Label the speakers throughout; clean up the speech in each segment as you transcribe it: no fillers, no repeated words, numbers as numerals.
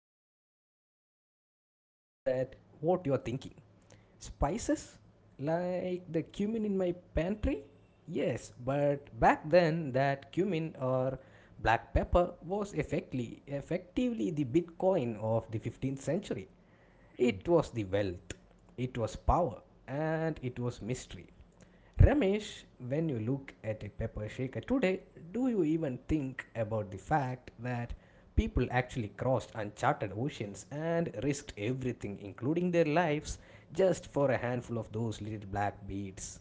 Speaker 1: spices, and I know that what you're thinking. Spices? Like the cumin in my pantry? Yes, but back then that cumin or black pepper was effectively the bitcoin of the 15th century. It
Speaker 2: Hmm.
Speaker 1: was the wealth, it was power, and it was mystery. Ramesh, when you look at a pepper shaker today, do you even think about the fact that people actually crossed uncharted oceans and risked everything, including their lives, just for a handful of those little black beads?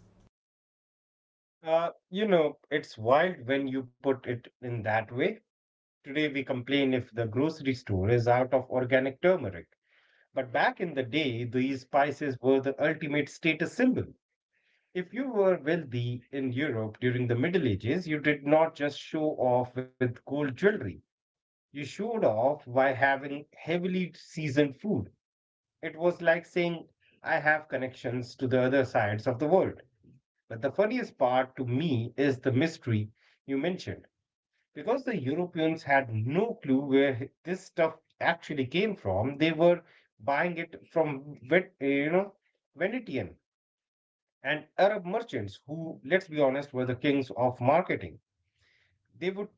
Speaker 2: It's wild when you put it in that way. Today we complain if the grocery store is out of organic turmeric. But back in the day, these spices were the ultimate status symbol. If you were wealthy in Europe during the Middle Ages, you did not just show off with gold jewelry. You showed off by having heavily seasoned food. It was like saying, I have connections to the other sides of the world. But the funniest part to me is the mystery you mentioned. Because the Europeans had no clue where this stuff actually came from, they were buying it from Venetian and Arab merchants who, let's be honest, were the kings of marketing. They would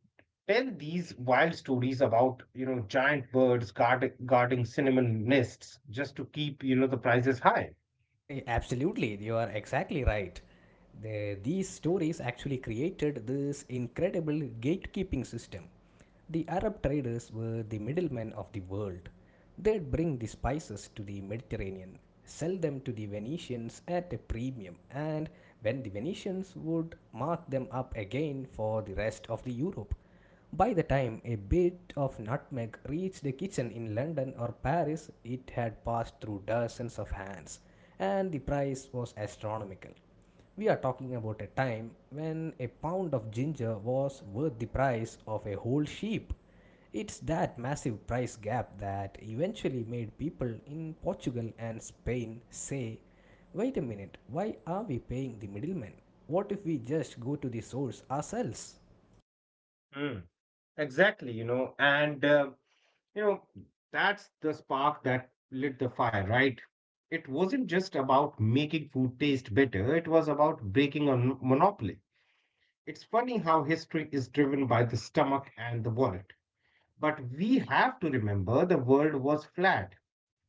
Speaker 2: tell these wild stories about giant birds guarding cinnamon nests just to keep the prices high.
Speaker 1: Absolutely, you are exactly right. These stories actually created this incredible gatekeeping system. The Arab traders were the middlemen of the world. They'd bring the spices to the Mediterranean, sell them to the Venetians at a premium, and when the Venetians would mark them up again for the rest of the Europe. By the time a bit of nutmeg reached a kitchen in London or Paris, it had passed through dozens of hands, and the price was astronomical. We are talking about a time when a pound of ginger was worth the price of a whole sheep. It's that massive price gap that eventually made people in Portugal and Spain say, "Wait a minute, why are we paying the middleman? What if we just go to the source ourselves?"
Speaker 2: Mm, exactly, and you know, that's the spark that lit the fire, right? It wasn't just about making food taste better, it was about breaking a monopoly. It's funny how history is driven by the stomach and the wallet. But we have to remember the world was flat.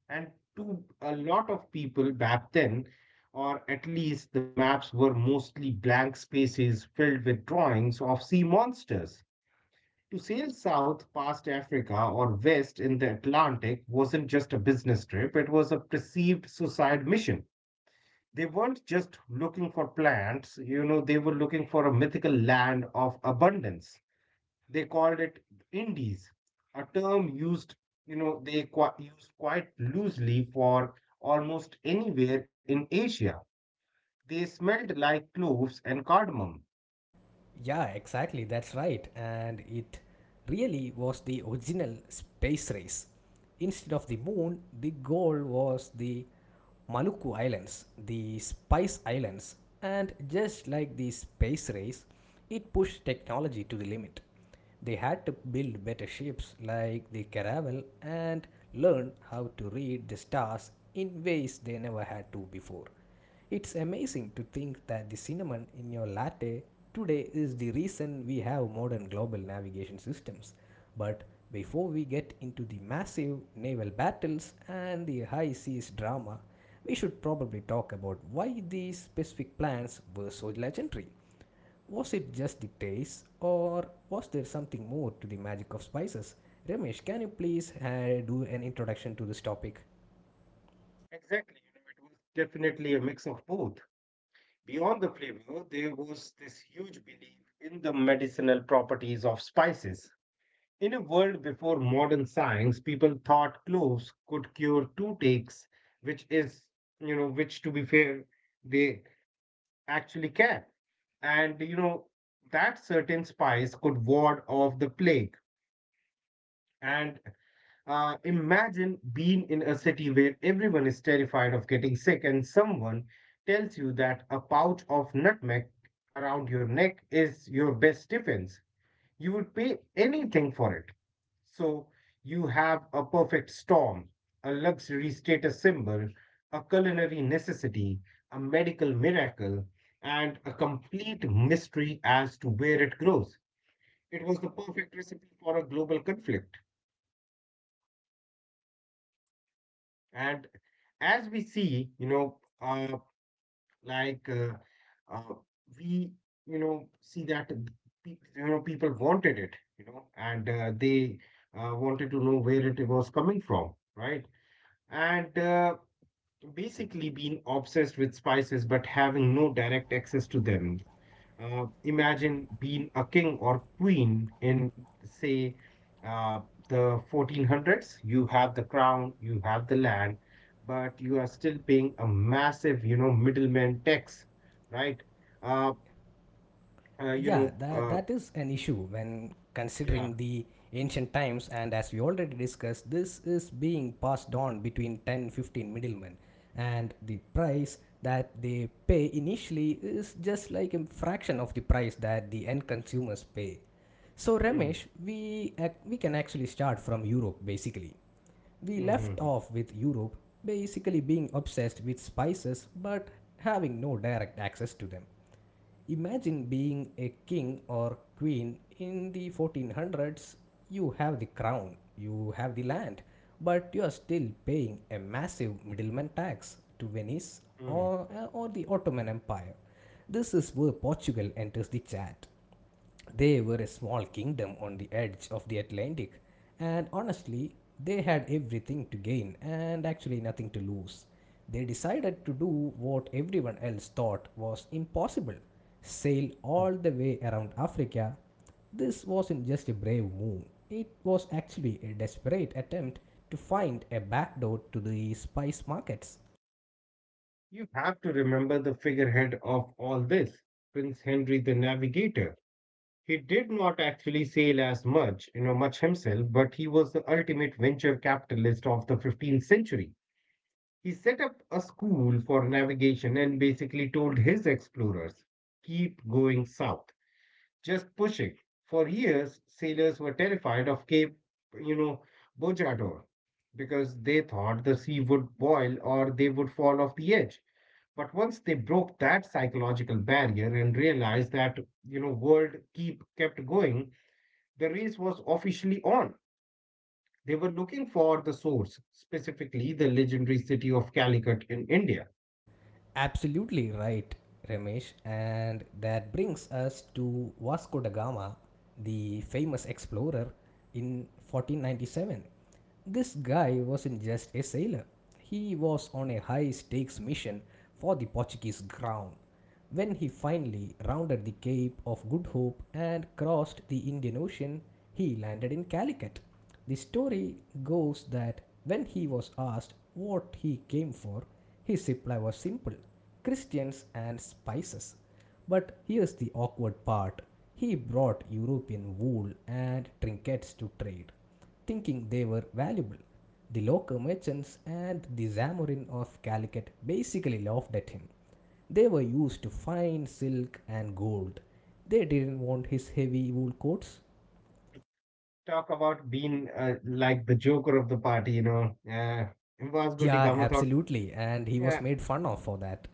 Speaker 2: And to a lot of people back then, or at least the maps were mostly blank spaces filled with drawings of sea monsters. To sail south past Africa or west in the Atlantic wasn't just a business trip, it was a perceived suicide mission. They weren't just looking for plants, they were looking for a mythical land of abundance. They called it indies, a term used, they used quite loosely for almost anywhere in Asia. They smelled like cloves and cardamom.
Speaker 1: Yeah, exactly. That's right. And it really was the original space race. Instead of the moon, the goal was the Maluku Islands, the Spice Islands. And just like the space race, it pushed technology to the limit. They had to build better ships like the Caravel and learn how to read the stars in ways they never had to before. It's amazing to think that the cinnamon in your latte today is the reason we have modern global navigation systems. But before we get into the massive naval battles and the high seas drama, we should probably talk about why these specific plans were so legendary. Was it just the taste, or was there something more to the magic of spices? Ramesh, can you please do an introduction to this topic?
Speaker 2: Exactly, it was definitely a mix of both. Beyond the flavor, there was this huge belief in the medicinal properties of spices. In a world before modern science, people thought cloves could cure toothaches, which is, which to be fair, they actually care, and that certain spice could ward off the plague. And imagine being in a city where everyone is terrified of getting sick, and someone tells you that a pouch of nutmeg around your neck is your best defense you would pay anything for it. So you have a perfect storm, a luxury status symbol, a culinary necessity, a medical miracle, and a complete mystery as to where it grows. It was the perfect recipe for a global conflict. And as we see, like uh, uh, we see that people wanted it and they wanted to know where it was coming from, right? And basically being obsessed with spices but having no direct access to them. Imagine being a king or queen in, say, uh, the 1400s. You have the crown, you have the land, but you are still paying a massive, middleman tax, right? Uh, uh, you
Speaker 1: Yeah,
Speaker 2: know, uh,
Speaker 1: that is an issue when
Speaker 2: yeah.
Speaker 1: considering the ancient times, and as we already discussed, this is being passed on between 10, 15 middlemen, and the price that they pay initially is just like a fraction of the price that the end consumers pay. So
Speaker 2: Mm,
Speaker 1: Ramesh, we can actually start from Europe basically. We
Speaker 2: mm, mm,
Speaker 1: left
Speaker 2: mm,
Speaker 1: off with Europe basically being obsessed with spices but having no direct access to them. Imagine being a king or queen in the 1400s. You have the crown, you have the land, but you are still paying a massive middleman tax to Venice
Speaker 2: mm,
Speaker 1: or the Ottoman Empire. This is where Portugal enters the chat. They were a small kingdom on the edge of the Atlantic, and honestly, they had everything to gain and actually nothing to lose. They decided to do what everyone else thought was impossible: sail
Speaker 2: mm.
Speaker 1: all the way around Africa. This wasn't just a brave move, it was actually a desperate attempt to find a backdoor to the spice markets.
Speaker 2: You have to remember the figurehead of all this, Prince Henry the Navigator. He did not actually sail as much, himself, but he was the ultimate venture capitalist of the 15th century. He set up a school for navigation and basically told his explorers, keep going south, just push it. For years, sailors were terrified of Cape, you know, Bojador because they thought the sea would boil or they would fall off the edge. But once they broke that psychological barrier and realized that world keep kept going, the race was officially on. They were looking for the source, specifically the legendary city of Calicut in India.
Speaker 1: Absolutely right, Ramesh. And that brings us to Vasco da Gama, the famous explorer in 1497. This guy wasn't just a sailor, he was on a high stakes mission for the Portuguese crown. When he finally rounded the Cape of Good Hope and crossed the Indian Ocean, he landed in Calicut. The story goes that when he was asked what he came for, his reply was simple: Christians and spices. But here's the awkward part: he brought European wool and trinkets to trade, thinking they were valuable. The local merchants and the Zamorin of Calicut basically laughed at him. They were used to fine silk and gold. They didn't want his heavy wool coats.
Speaker 2: Talk about being like the joker of the party. Vasco
Speaker 1: Yeah,
Speaker 2: da Gama thought,
Speaker 1: absolutely. And he was
Speaker 2: yeah,
Speaker 1: made fun of for that.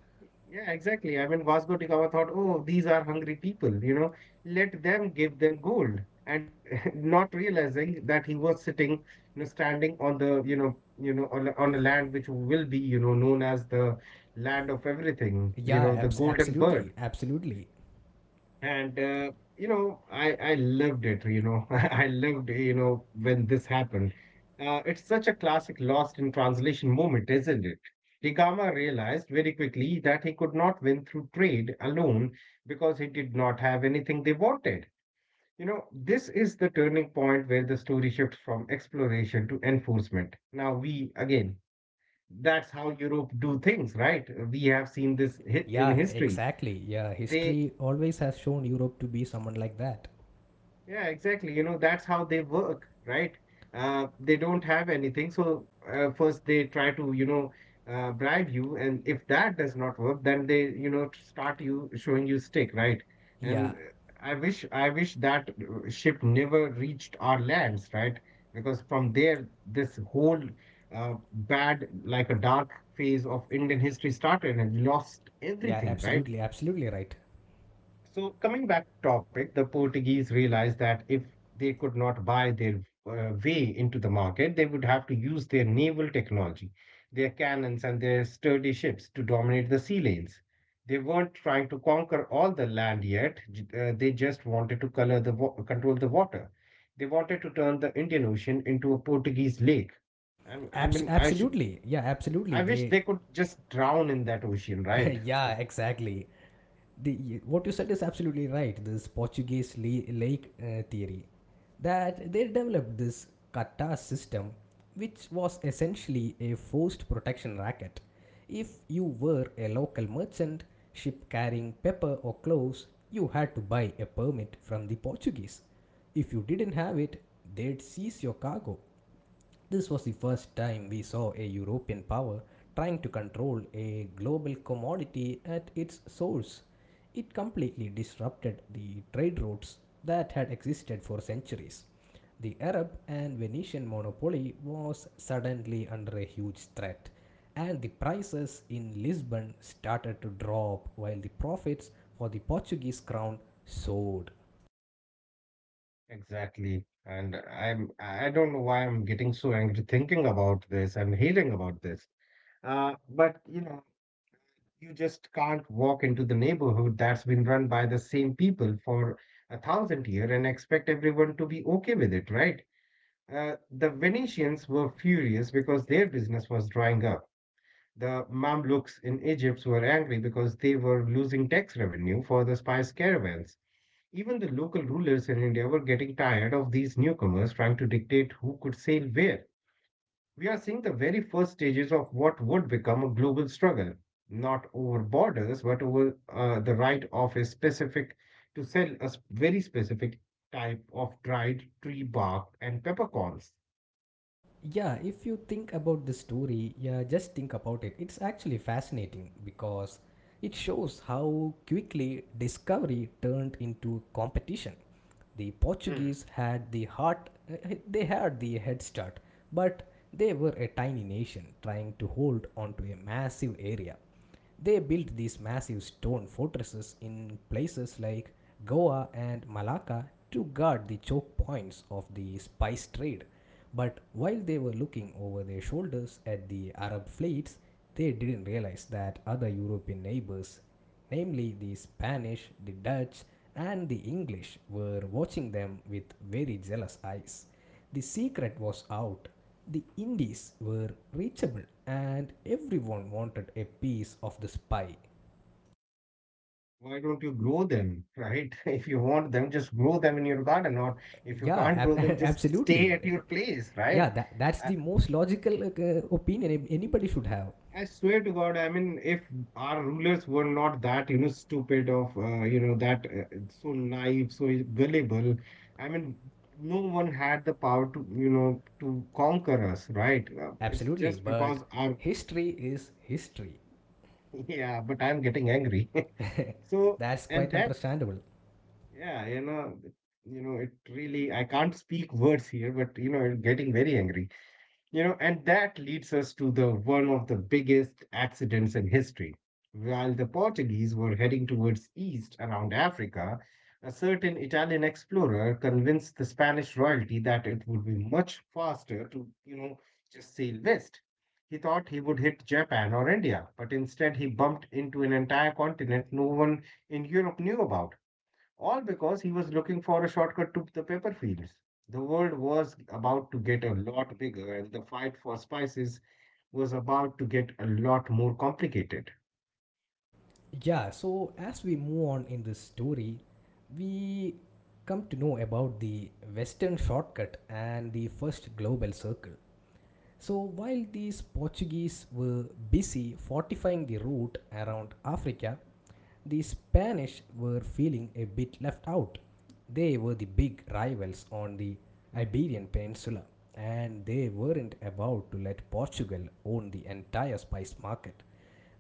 Speaker 2: yeah, exactly. I mean, Vasco da Gama thought, oh, these are hungry people, let them give them gold. And not realizing that he was sitting, standing on the, you know, on a land which will be, known as the land of everything, the golden bird.
Speaker 1: Absolutely. Absolutely.
Speaker 2: And I loved it. I loved when this happened. It's such a classic lost in translation moment, isn't it? Degama realized very quickly that he could not win through trade alone because he did not have anything they wanted. This is the turning point where the story shifts from exploration to enforcement. Now we again, that's how Europe do things, right? We have seen this in
Speaker 1: Yeah,
Speaker 2: history
Speaker 1: exactly. Yeah,
Speaker 2: they
Speaker 1: history always has shown Europe to be someone like that.
Speaker 2: yeah, exactly. That's how they work, right? They don't have anything. So first they try to, bribe you, and if that does not work, then they, start you showing you stick, right? And
Speaker 1: Yeah.
Speaker 2: I wish that ship never reached our lands, right? Because from there, this whole bad, like a dark phase of Indian history started, and lost
Speaker 1: Yeah,
Speaker 2: everything, right?
Speaker 1: absolutely. Absolutely right.
Speaker 2: So coming back to topic, the Portuguese realized that if they could not buy their way into the market, they would have to use their naval technology, their cannons and their sturdy ships to dominate the sea lanes. They weren't trying to conquer all the land yet. They just wanted to control the water. They wanted to turn the Indian Ocean into a Portuguese lake. I mean, I should.
Speaker 1: Absolutely. Yeah, absolutely.
Speaker 2: I wish
Speaker 1: They
Speaker 2: they could just drown in that ocean, right?
Speaker 1: Yeah, exactly. The what you said is absolutely right. This lake theory that they developed, this kata system, which was essentially a forced protection racket: if you were a local merchant ship carrying pepper or cloves, you had to buy a permit from the Portuguese. If you didn't have it, they'd seize your cargo. This was the first time we saw a European power trying to control a global commodity at its source. It completely disrupted the trade routes that had existed for centuries. The Arab and Venetian monopoly was suddenly under a huge threat, and the prices in Lisbon started to drop while the profits for the Portuguese crown soared.
Speaker 2: Exactly. And I don't know why I'm getting so angry thinking about this and hearing about this. But you just can't walk into the neighborhood that's been run by the same people for 1,000 years and expect everyone to be okay with it, right? The Venetians were furious because their business was drying up. The Mamluks in Egypt were angry because they were losing tax revenue for the spice caravans. Even the local rulers in India were getting tired of these newcomers trying to dictate who could sail where. We are seeing the very first stages of what would become a global struggle, not over borders, but over the right of a specific to sell a very specific type of dried tree bark and peppercorns.
Speaker 1: Yeah, if you think about the story, yeah, just think about it. It's actually fascinating because it shows how quickly discovery turned into competition. The
Speaker 2: Hmm.
Speaker 1: Portuguese had the heart, they had the head start, but they were a tiny nation trying to hold onto a massive area. They built these massive stone fortresses in places like Goa and Malacca to guard the choke points of the spice trade. But while they were looking over their shoulders at the Arab fleets, they didn't realize that other European neighbors, namely the Spanish, the Dutch, and the English, were watching them with very jealous eyes. The secret was out, the Indies were reachable, and everyone wanted a piece of the pie.
Speaker 2: Why don't you grow them, right? If you want them, just grow them in your garden, or if you can't grow them, just stay
Speaker 1: Absolutely.
Speaker 2: at your place,
Speaker 1: Yeah,
Speaker 2: right?
Speaker 1: that's the most logical opinion anybody should have.
Speaker 2: I swear to God, I mean, if our rulers were not that, stupid of, that so naive, so gullible, I mean, no one had the power to, conquer us, right? It's
Speaker 1: Absolutely,
Speaker 2: just
Speaker 1: but
Speaker 2: because our,
Speaker 1: history is history.
Speaker 2: yeah, but I'm getting angry. So,
Speaker 1: That's
Speaker 2: and
Speaker 1: quite
Speaker 2: that,
Speaker 1: understandable.
Speaker 2: yeah, it really, I can't speak words here, but, I'm getting very angry. And that leads us to the one of the biggest accidents in history. While the Portuguese were heading towards east around Africa, a certain Italian explorer convinced the Spanish royalty that it would be much faster to, just sail west. He thought he would hit Japan or India, but instead he bumped into an entire continent no one in Europe knew about all because he was looking for a shortcut to the pepper fields. The world was about to get a lot bigger, and the fight for spices was about to get a lot more complicated.
Speaker 1: Yeah, so as we move on in this story, we come to know about the Western shortcut and the first global circle. So while these Portuguese were busy fortifying the route around Africa, the Spanish were feeling a bit left out. They were the big rivals on the Iberian Peninsula, and they weren't about to let Portugal own the entire spice market.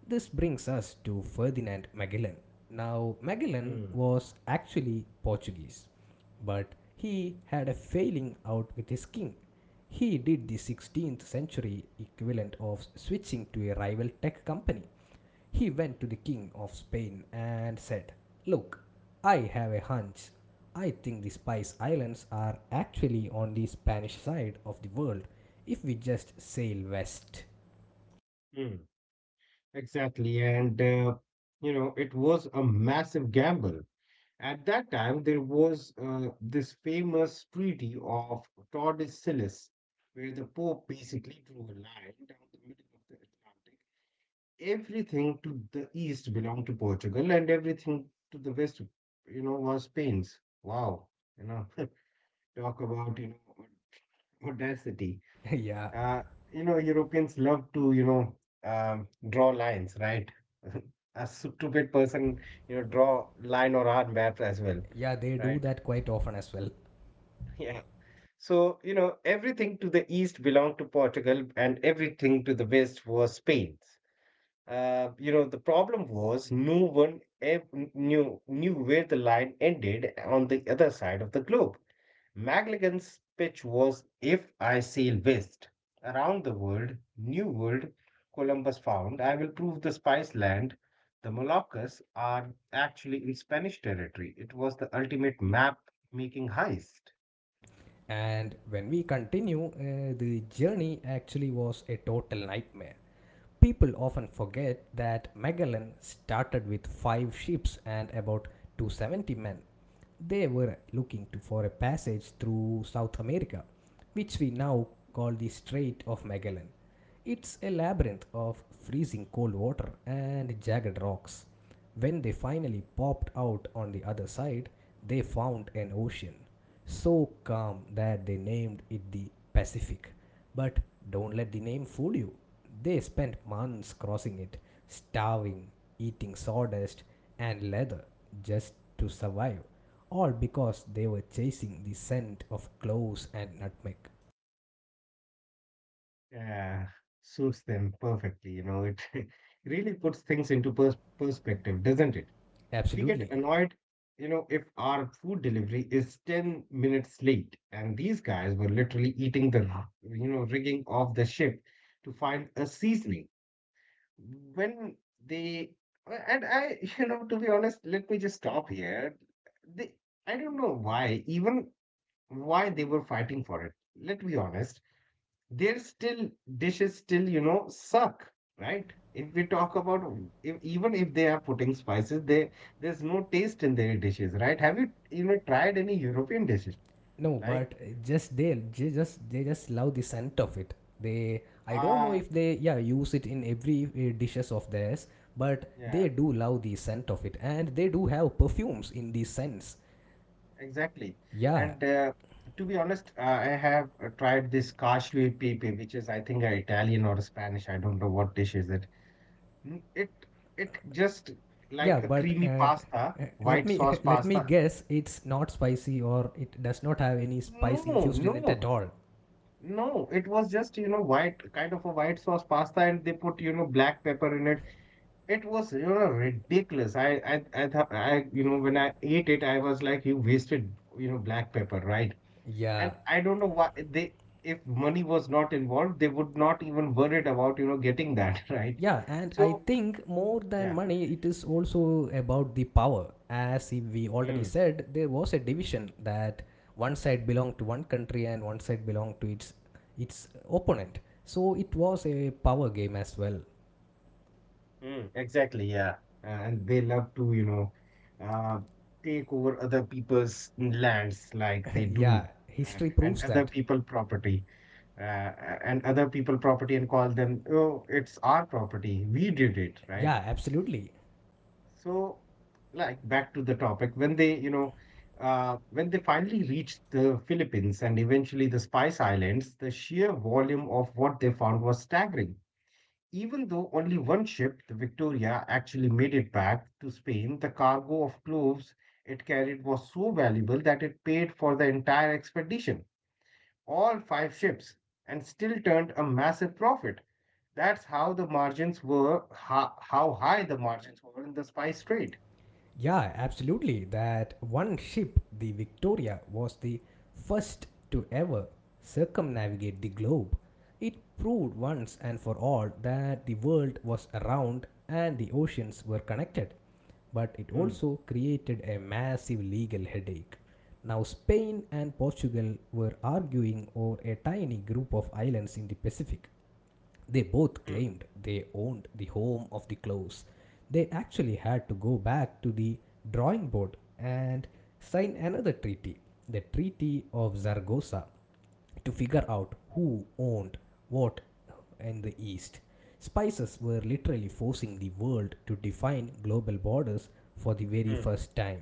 Speaker 1: This brings us to Ferdinand Magellan. Now, Magellan
Speaker 2: Hmm.
Speaker 1: was actually Portuguese, but he had a failing out with his king. He did the 16th century equivalent of switching to a rival tech company. He went to the king of Spain and said, "Look, I have a hunch. I think the Spice Islands are actually on the Spanish side of the world if we just sail west."
Speaker 2: Hmm. Exactly, and it was a massive gamble. At that time, there was this famous treaty of Tordesillas, where the Pope basically drew a line down the middle of the Atlantic everything to the east belonged to Portugal and everything to the west, was Spain's. Wow. You know, talk about, audacity.
Speaker 1: yeah,
Speaker 2: Uh, Europeans love to, draw lines, right? A stupid person, draw line or art maps as well,
Speaker 1: yeah they do
Speaker 2: right?
Speaker 1: that quite often as well.
Speaker 2: Yeah. So, everything to the east belonged to Portugal and everything to the west was Spain's. The problem was no one knew where the line ended on the other side of the globe. McLagan's pitch was if I sail west around the world, new world, Columbus found, I will prove the spice land, the Moluccas are actually in Spanish territory. It was the ultimate map making heist.
Speaker 1: And when we continue, the journey actually was a total nightmare. People often forget that Magellan started with five ships and about 270 men. They were looking to, for a passage through South America, which we now call the Strait of Magellan. It's a labyrinth of freezing cold water and jagged rocks. When they finally popped out on the other side, they found an ocean so calm that they named it the Pacific. But don't let the name fool you. They spent months crossing it, starving, eating sawdust and leather just to survive, all because they were chasing the scent of cloves and nutmeg.
Speaker 2: Yeah, suits them perfectly, it really puts things into perspective, doesn't it? We get
Speaker 1: Absolutely.
Speaker 2: annoyed, if our food delivery is 10 minutes late. And these guys were literally eating the, rigging of the ship to find a seasoning. When they, and I, to be honest, let me just stop here. They, I don't know why, even why they were fighting for it. Let's be honest, there's still dishes still, suck, right? If we talk about if, even if they are putting spices, they there's no taste in their dishes, right? Have you you know tried any European dishes?
Speaker 1: No,
Speaker 2: Like
Speaker 1: but they just love the scent of it. They, I don't know
Speaker 2: ah,
Speaker 1: if they yeah use it in every dishes of theirs, but
Speaker 2: yeah,
Speaker 1: they do love the scent of it, and they do have perfumes in the scents.
Speaker 2: exactly.
Speaker 1: Yeah,
Speaker 2: And to be honest, I have tried this cacio e pepe, which is I think a Italian or a Spanish. I don't know what dish is it. Mm, it just
Speaker 1: yeah,
Speaker 2: like a
Speaker 1: but
Speaker 2: creamy pasta,
Speaker 1: let
Speaker 2: white
Speaker 1: me
Speaker 2: sauce
Speaker 1: let me
Speaker 2: pasta.
Speaker 1: guess, it's not spicy or it does not have any spice
Speaker 2: No,
Speaker 1: infused in it at
Speaker 2: no.
Speaker 1: all.
Speaker 2: No, it was just, white, kind of a white sauce pasta, and they put, black pepper in it. It was ridiculous. I thought, I, when I ate it, I was like, you wasted, black pepper, right?
Speaker 1: Yeah,
Speaker 2: And I don't know why they, if money was not involved, they would not even worried about, getting that, right?
Speaker 1: yeah, and I
Speaker 2: So,
Speaker 1: think more than
Speaker 2: yeah.
Speaker 1: money, it is also about the power. As we already
Speaker 2: Hmm.
Speaker 1: said, there was a division that one side belonged to one country and one side belonged to its opponent. So it was a power game as well.
Speaker 2: Mm, exactly, yeah. And they love to, uh, take over other people's lands like they do,
Speaker 1: yeah, history
Speaker 2: and
Speaker 1: proves
Speaker 2: other
Speaker 1: that.
Speaker 2: people property, and other people property and call them, oh, it's our property. We did it, right?
Speaker 1: Yeah, absolutely.
Speaker 2: So, like back to the topic, when when they finally reached the Philippines and eventually the Spice Islands, the sheer volume of what they found was staggering. Even though only one ship, the Victoria, actually made it back to Spain, the cargo of cloves it carried was so valuable that it paid for the entire expedition, all five ships, and still turned a massive profit. That's how the margins were, how high the margins were in the spice trade.
Speaker 1: Yeah, absolutely. That one ship, the Victoria, was the first to ever circumnavigate the globe. It proved once and for all that the world was around and the oceans were connected. But it
Speaker 2: Mm,
Speaker 1: also created a massive legal headache. Now, Spain and Portugal were arguing over a tiny group of islands in the Pacific. They both
Speaker 2: mm,
Speaker 1: claimed they owned the home of the clothes. They actually had to go back to the drawing board and sign another treaty, the Treaty of Zaragoza, to figure out who owned what in the East. Spices were literally forcing the world to define global borders for the very
Speaker 2: mm.
Speaker 1: first time.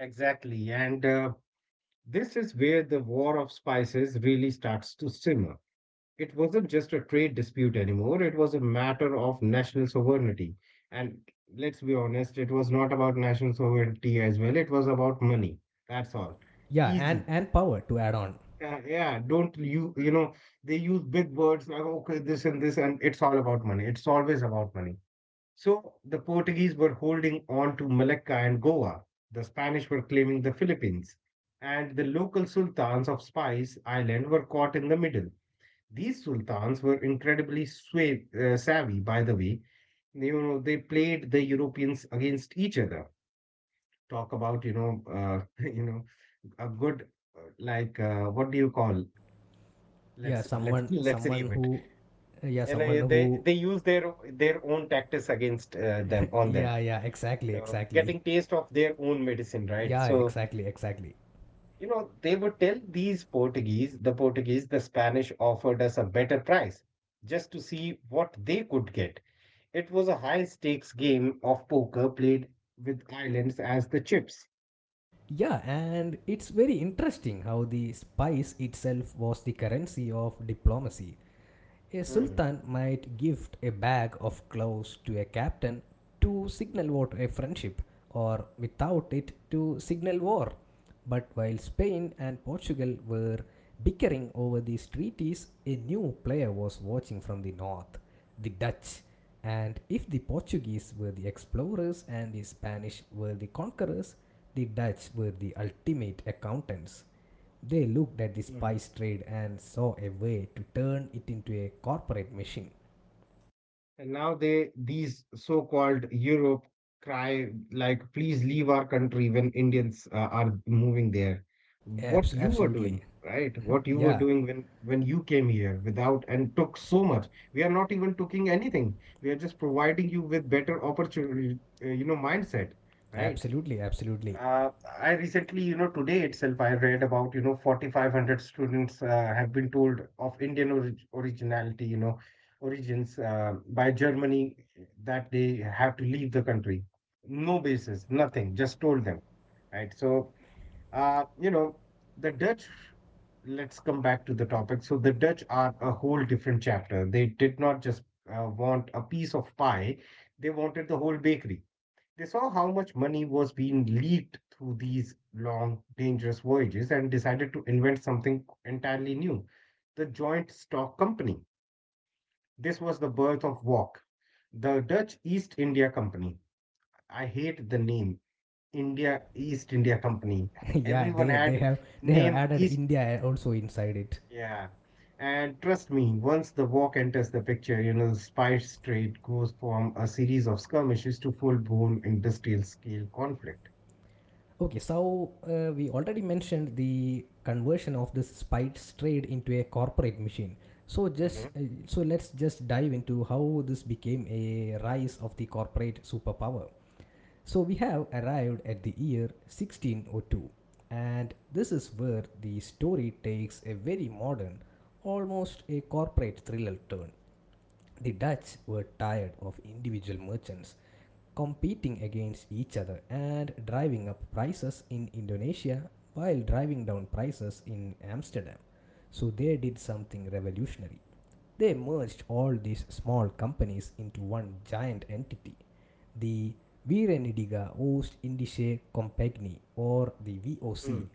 Speaker 2: Exactly. And this is where the war of spices really starts to simmer. It wasn't just a trade dispute anymore, it was a matter of national sovereignty. And let's be honest, it was not about national sovereignty as well, it was about money. That's all.
Speaker 1: Yeah,
Speaker 2: Easy.
Speaker 1: and power to add on.
Speaker 2: Yeah, don't you, they use big words like, okay, this and this, and it's all about money. It's always about money. So the Portuguese were holding on to Malacca and Goa. The Spanish were claiming the Philippines. And the local sultans of Spice Island were caught in the middle. These sultans were incredibly savvy, by the way. You know, they played the Europeans against each other. Talk about, a good like what do you call?
Speaker 1: Yeah,
Speaker 2: Let's let's
Speaker 1: someone
Speaker 2: let's
Speaker 1: someone
Speaker 2: leave it.
Speaker 1: who, yeah,
Speaker 2: And
Speaker 1: someone
Speaker 2: know, they
Speaker 1: who,
Speaker 2: they use their own tactics against them on them.
Speaker 1: yeah, yeah,
Speaker 2: You
Speaker 1: exactly,
Speaker 2: know,
Speaker 1: exactly.
Speaker 2: getting taste of their own medicine, right?
Speaker 1: Yeah,
Speaker 2: So,
Speaker 1: exactly, exactly.
Speaker 2: you know, they would tell these Portuguese, the Spanish offered us a better price just to see what they could get. It was a high stakes game of poker played with islands as the chips.
Speaker 1: Yeah, and it's very interesting how the spice itself was the currency of diplomacy. A
Speaker 2: Hmm.
Speaker 1: sultan might gift a bag of clothes to a captain to signal what a friendship, or without it to signal war. But while Spain and Portugal were bickering over these treaties, a new player was watching from the north, the Dutch. And if the Portuguese were the explorers and the Spanish were the conquerors, the Dutch were the ultimate accountants. They looked at the
Speaker 2: Hmm.
Speaker 1: spice trade and saw a way to turn it into a corporate machine.
Speaker 2: And now they these so-called Europe cry like, please leave our country when Indians are moving there. What you were doing,
Speaker 1: Absolutely.
Speaker 2: right? What you were
Speaker 1: Yeah,
Speaker 2: doing when you came here without and took so much. We are not even taking anything. We are just providing you with better opportunity, mindset, right?
Speaker 1: absolutely, absolutely.
Speaker 2: Uh, I recently, today itself, I read about, 4,500 students have been told of Indian originality, origins by Germany that they have to leave the country. No basis, nothing, just told them, right? So, uh, you know, the Dutch, let's come back to the topic. So, the Dutch are a whole different chapter. They did not just want a piece of pie, they wanted the whole bakery. They saw how much money was being leaked through these long, dangerous voyages and decided to invent something entirely new, the Joint Stock Company. This was the birth of WOC, the Dutch East India Company. I hate the name India East India Company.
Speaker 1: Yeah,
Speaker 2: Everyone had
Speaker 1: they have
Speaker 2: name
Speaker 1: added
Speaker 2: East.
Speaker 1: India also inside it.
Speaker 2: Yeah. And trust me, once the walk enters the picture, you know, the Spice Trade goes from a series of skirmishes to full blown industrial scale conflict.
Speaker 1: Okay, so we already mentioned the conversion of this spice trade into a corporate machine. So just let's just dive into how this became a rise of the corporate superpower. So we have arrived at the year 1602, and this is where the story takes a very modern, almost a corporate thriller turn. The Dutch were tired of individual merchants competing against each other and driving up prices in Indonesia while driving down prices in Amsterdam. So they did something revolutionary. They merged all these small companies into one giant entity, the Virenidiga Oost Indische Compagnie or the
Speaker 2: Mhm.
Speaker 1: VOC.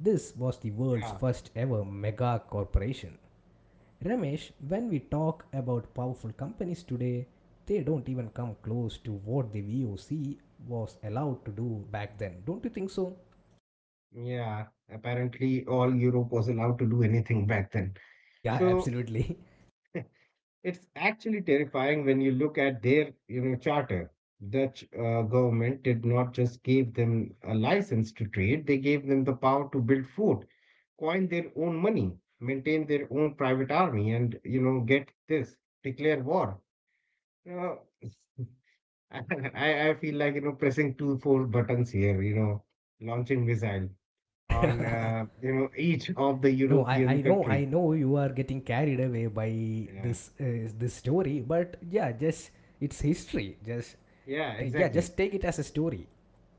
Speaker 1: This was the world's
Speaker 2: Yeah,
Speaker 1: first ever mega corporation. Ramesh, when we talk about powerful companies today, they don't even come close to what the VOC was allowed to do back then. Don't you think so?
Speaker 2: yeah. Apparently, all Europe was allowed to do anything back then.
Speaker 1: Yeah,
Speaker 2: So
Speaker 1: absolutely.
Speaker 2: it's actually terrifying when you look at their, charter. Dutch government did not just give them a license to trade; they gave them the power to build fort, coin their own money, maintain their own private army, and you know, get this, declare war. You know, I feel like you know pressing 2, 4 buttons here. You know, launching missile on you know each of the
Speaker 1: No, I,
Speaker 2: European
Speaker 1: I know
Speaker 2: country.
Speaker 1: I know you are getting carried away by
Speaker 2: Yeah,
Speaker 1: this this story, but yeah, just it's history. Just
Speaker 2: yeah,
Speaker 1: yeah,
Speaker 2: exactly.
Speaker 1: just take it as a story.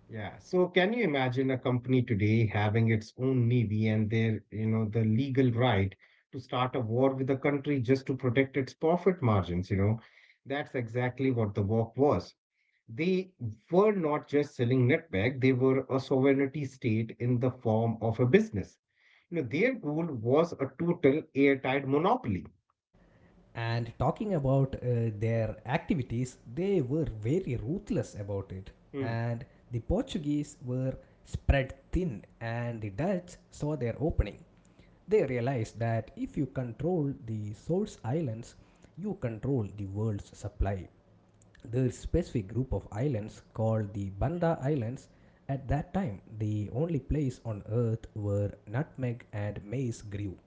Speaker 2: Yeah. So can you imagine a company today having its own navy and their you know the legal right to start a war with a country just to protect its profit margins? You know, that's exactly what the walk was. They were not just selling netback; they were a sovereignty state in the form of a business. You know, their goal was a total airtight monopoly.
Speaker 1: And talking about their activities, they were very ruthless about it,
Speaker 2: Hmm.
Speaker 1: and the Portuguese were spread thin, and the Dutch saw their opening. They realized that if you control the source islands, you control the world's supply. The specific group of islands called the Banda Islands. At that time, the only place on earth where nutmeg and maize grew.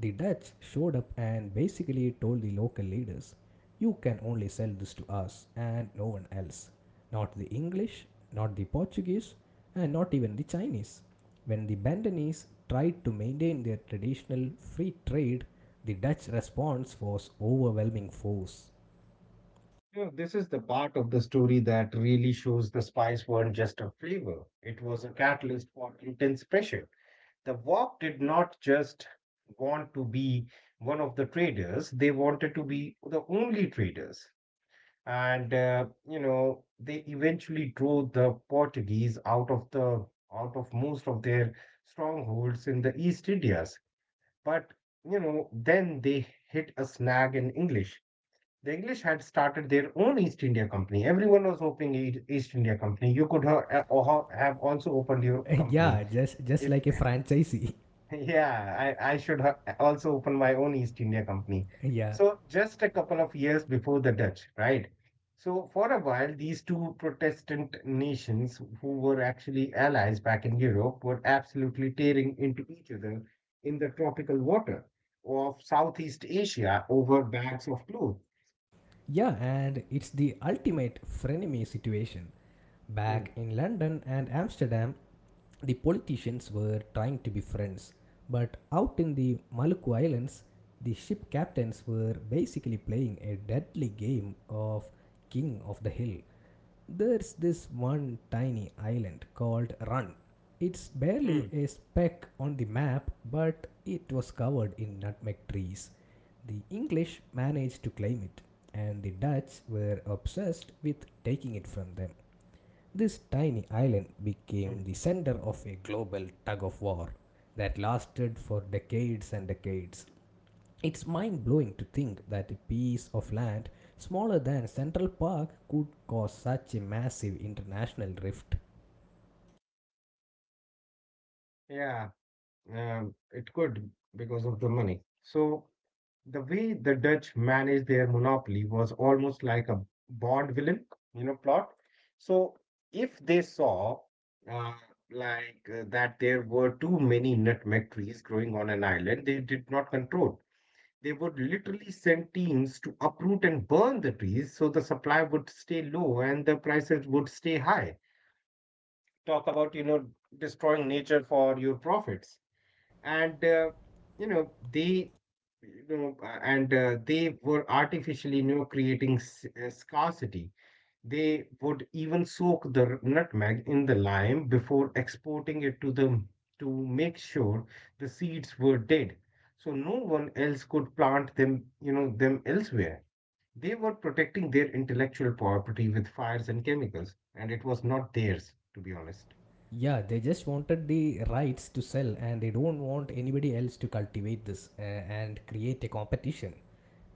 Speaker 1: The Dutch showed up and basically told the local leaders, "You can only sell this to us and no one else. Not the English, not the Portuguese, and not even the Chinese." When the Bandanese tried to maintain their traditional free trade, the Dutch response was overwhelming force.
Speaker 2: You this is the part of the story that really shows the spice weren't just a flavor, it was a catalyst for intense pressure. The Wok did not just want to be one of the traders, they wanted to be the only traders. And, you know, they eventually drove the Portuguese out of the out of most of their strongholds in the East Indies. But, you know, then they hit a snag in English. The English had started their own East India Company. Everyone was opening East India Company. You could have also opened your company.
Speaker 1: Yeah, just
Speaker 2: If
Speaker 1: like a franchisee.
Speaker 2: yeah, I should also open my own East India Company.
Speaker 1: Yeah,
Speaker 2: So just a couple of years before the Dutch, right? So for a while, these two Protestant nations who were actually allies back in Europe were absolutely tearing into each other in the tropical water of Southeast Asia over bags of clothes.
Speaker 1: yeah, and it's the ultimate frenemy situation back
Speaker 2: Mm,
Speaker 1: in London and Amsterdam. The politicians were trying to be friends, but out in the Maluku Islands the ship captains were basically playing a deadly game of king of the hill. There's this one tiny island called Run. It's barely a
Speaker 2: mm,
Speaker 1: speck on the map, but it was covered in nutmeg trees. The English managed to claim it, and the Dutch were obsessed with taking it from them. This tiny island
Speaker 2: mm.
Speaker 1: became the center of a global tug of war that lasted for decades and decades. It's mind blowing to think that a piece of land smaller than Central Park could cause such a massive international rift.
Speaker 2: Yeah, it could because of the money. So the way the Dutch managed their monopoly was almost like a Bond villain, plot. So if they saw uh, that there were too many nutmeg trees growing on an island they did not control, they would literally send teams to uproot and burn the trees so the supply would stay low and the prices would stay high. Talk about, destroying nature for your profits, and you know they you know and they were artificially, creating scarcity. They would even soak the nutmeg in the lime before exporting it to them to make sure the seeds were dead, so no one else could plant them, elsewhere. They were protecting their intellectual property with fires and chemicals, and it was not theirs, to be honest.
Speaker 1: Yeah, they just wanted the rights to sell and they don't want anybody else to cultivate this and create a competition.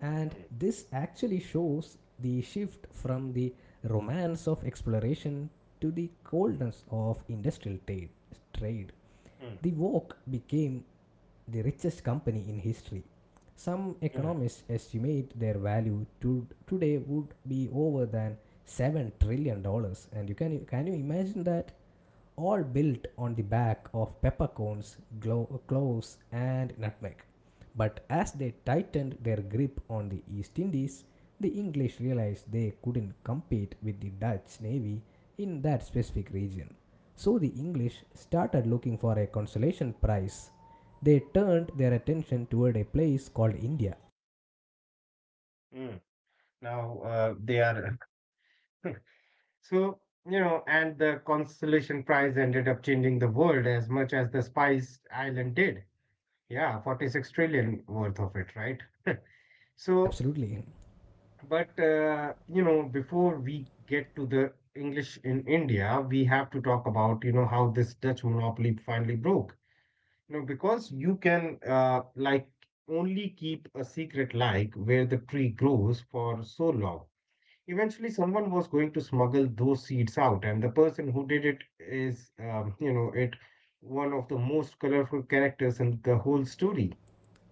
Speaker 1: And this actually shows the shift from the romance of exploration to the coldness of trade.
Speaker 2: Mm, mm,
Speaker 1: The walk became the richest company in history. Some
Speaker 2: mm,
Speaker 1: economists estimate their value to today would be over than $7 trillion. And you can you imagine that? All built on the back of peppercorns, cloves, and nutmeg. But as they tightened their grip on the East Indies, the English realized they couldn't compete with the Dutch navy in that specific region. So the English started looking for a consolation prize. They turned their attention toward a place called India.
Speaker 2: mm. Now they are so, you know, and the consolation Prize ended up changing the world as much as the Spice Island did. Yeah, 46 trillion worth of it, right? So,
Speaker 1: Absolutely.
Speaker 2: but, you know, before we get to the English in India, we have to talk about, you know, how this Dutch monopoly finally broke. You know, because you can, only keep a secret like where the tree grows for so long. Eventually, someone was going to smuggle those seeds out, and the person who did it is, you know, it one of the most colorful characters in the whole story.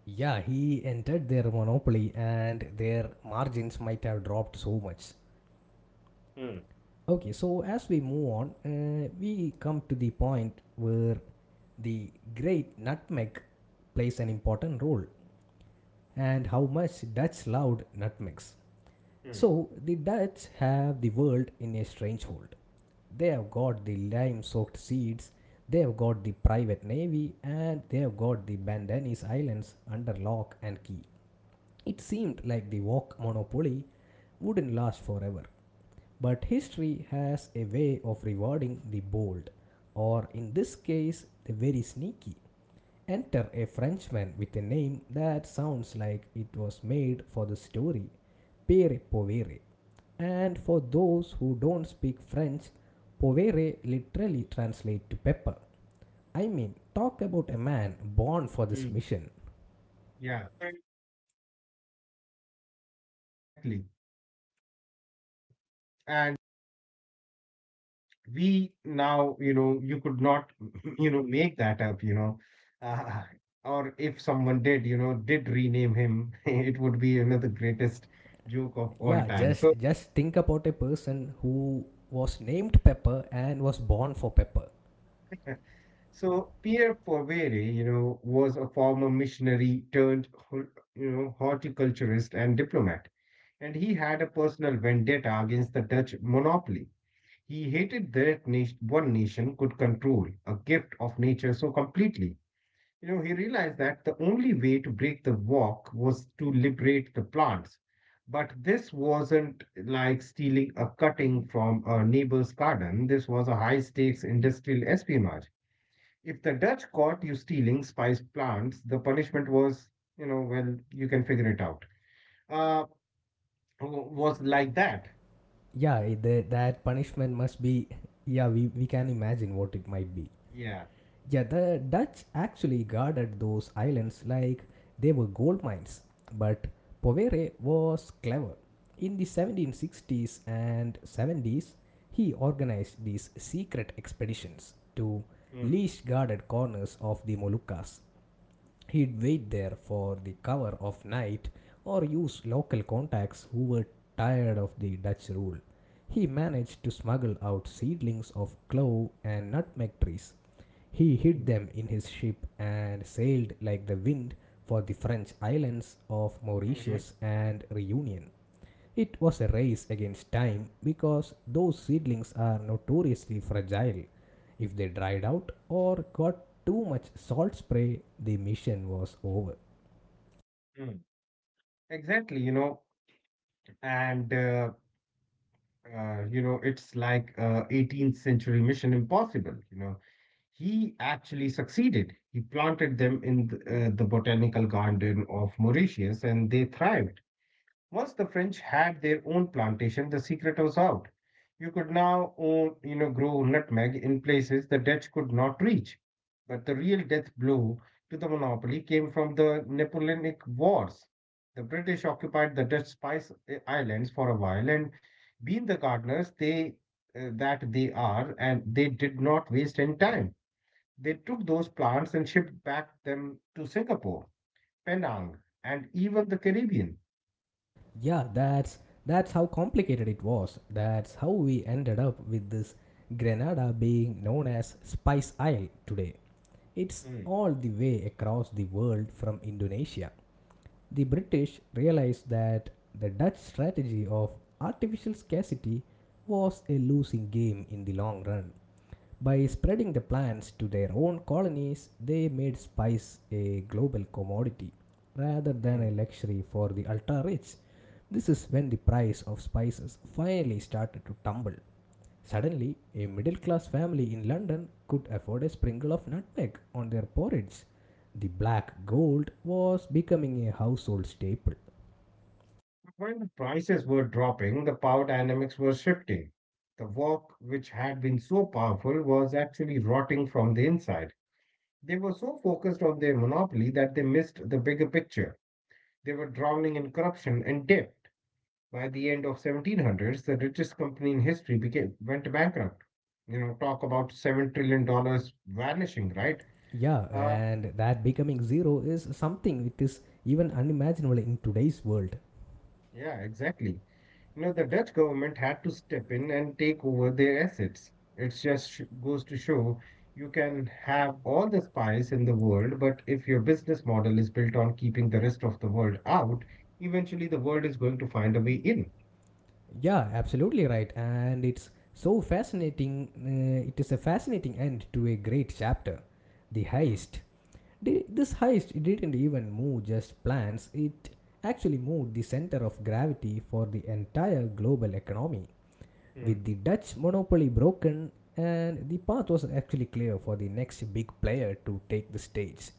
Speaker 1: Yeah, he entered their monopoly and their margins might have dropped so much.
Speaker 2: Hmm.
Speaker 1: Okay, so as we move on, we come to the point where the great nutmeg plays an important role and how much Dutch loved nutmegs.
Speaker 2: Hmm.
Speaker 1: So, the Dutch have the world in a strange hold. They have got the lime soaked seeds, they have got the private navy, and they have got the Bandanese Islands under lock and key. It seemed like the wok monopoly wouldn't last forever. But history has a way of rewarding the bold, or in this case, the very sneaky. Enter a Frenchman with a name that sounds like it was made for the story, Pere Povere. And for those who don't speak French, Povere literally translates to pepper. I mean, talk about a man born for this
Speaker 2: Hmm.
Speaker 1: mission.
Speaker 2: Yeah, and exactly. Uh, and we now, you could not, make that up, you know. Uh, or if someone did, did rename him, it would be another greatest joke of all
Speaker 1: Yeah,
Speaker 2: time.
Speaker 1: just
Speaker 2: So,
Speaker 1: just think about a person who was named Pepper and was born for Pepper.
Speaker 2: so Pierre Poivre, was a former missionary turned, horticulturist and diplomat, and he had a personal vendetta against the Dutch monopoly. He hated that nation, one nation could control a gift of nature so completely. You know, he realized that the only way to break the walk was to liberate the plants. But this wasn't like stealing a cutting from a neighbor's garden. This was a high stakes industrial espionage. If the Dutch caught you stealing spice plants, the punishment was, you know, well, you can figure it out. Uh, was like that.
Speaker 1: Yeah that punishment must be, yeah we can imagine what it might be.
Speaker 2: Yeah.
Speaker 1: Yeah, the Dutch actually guarded those islands like they were gold mines, but Povere was clever. In the 1760s and 70s he organized these secret expeditions to
Speaker 2: Mm.
Speaker 1: least guarded corners of the Moluccas. He'd wait there for the cover of night or use local contacts who were tired of the Dutch rule. He managed to smuggle out seedlings of clove and nutmeg trees. He hid
Speaker 2: Mm.
Speaker 1: them in his ship and sailed like the wind for the French islands of
Speaker 2: Mhm.
Speaker 1: Mauritius and Reunion. It was a race against time because those seedlings are notoriously fragile. If they dried out or got too much salt spray, the mission was over.
Speaker 2: Mm. Exactly, you know, and you know, it's like 18th century Mission Impossible, you know. He actually succeeded. He planted them in the botanical garden of Mauritius and they thrived. Once the French had their own plantation, the secret was out. You could now own, grow nutmeg in places the Dutch could not reach. But the real death blow to the monopoly came from the Napoleonic Wars. The British occupied the Dutch Spice Islands for a while, and being the gardeners they that they are, and they did not waste any time. They took those plants and shipped back them to Singapore, Penang, and even the Caribbean.
Speaker 1: Yeah, that's how complicated it was. That's how we ended up with this Grenada being known as Spice Isle today. It's
Speaker 2: Mm.
Speaker 1: all the way across the world from Indonesia. The British realized that the Dutch strategy of artificial scarcity was a losing game in the long run. By spreading the plants to their own colonies, they made spice a global commodity rather than
Speaker 2: Mm.
Speaker 1: a luxury for the ultra rich. This is when the price of spices finally started to tumble. Suddenly, a middle class family in London could afford a sprinkle of nutmeg on their porridge. The black gold was becoming a household staple.
Speaker 2: While the prices were dropping, the power dynamics were shifting. The wok, which had been so powerful, was actually rotting from the inside. They were so focused on their monopoly that they missed the bigger picture. They were drowning in corruption and debt. By the end of 1700s, the richest company in history became went bankrupt. You know, talk about $7 trillion dollars vanishing, right?
Speaker 1: Yeah,
Speaker 2: Uh,
Speaker 1: and that becoming zero is something which is even unimaginable in today's world.
Speaker 2: yeah, exactly. Now, the Dutch government had to step in and take over their assets. It just goes to show you can have all the spies in the world, but if your business model is built on keeping the rest of the world out, eventually the world is going to find a way in.
Speaker 1: Yeah, absolutely right. And it's so fascinating. It is a fascinating end to a great chapter. The
Speaker 2: Mm.
Speaker 1: heist This heist didn't even move just plants, it actually moved the center of gravity for the entire global economy.
Speaker 2: Mm.
Speaker 1: With the Dutch monopoly broken, and the path was actually clear for the next big player to take the stage.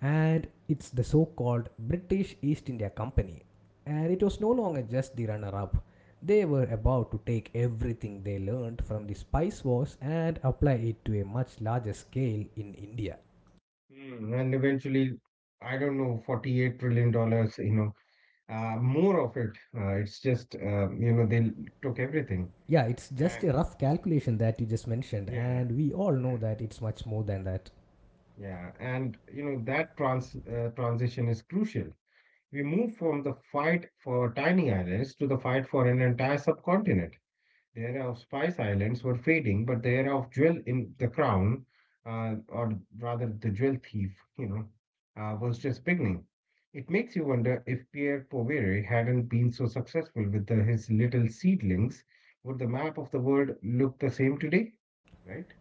Speaker 1: And it's the so called British East India Company. And it was no longer just the runner up. They were about to take everything they learned from the spice wars and apply it to a much larger scale in India.
Speaker 2: Mm. And eventually, I don't know, $48 trillion, dollars, more of it. It's just, they took everything.
Speaker 1: Yeah, it's just
Speaker 2: And,
Speaker 1: a rough calculation that you just mentioned,
Speaker 2: yeah,
Speaker 1: and we all know
Speaker 2: yeah,
Speaker 1: that it's much more than that.
Speaker 2: yeah. And, that transition is crucial. We move from the fight for tiny islands to the fight for an entire subcontinent. The era of Spice Islands were fading, but the era of Jewel in the Crown, or rather the Jewel Thief, was just beginning. It makes you wonder if Pierre Poirier hadn't been so successful with his little seedlings, would the map of the world look the same today? Right?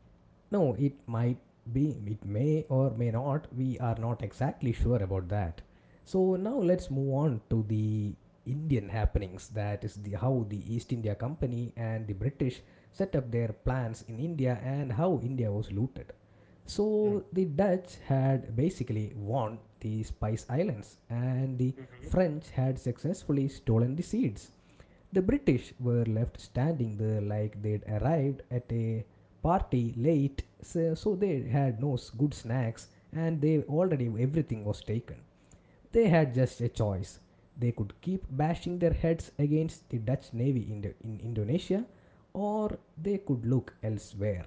Speaker 1: No, it might be, it may or may not, we are not exactly sure about that. So now let's move on to the Indian happenings, that is the how the East India Company and the British set up their plans in India and how India was looted. So
Speaker 2: Mm.
Speaker 1: the Dutch had basically won the Spice Islands and the
Speaker 2: Mhm.
Speaker 1: French had successfully stolen the seeds. The British were left standing there like they'd arrived at a party late, so they had no good snacks and they already everything was taken. They had just a choice. They could keep bashing their heads against the Dutch navy in Indonesia, or they could look elsewhere.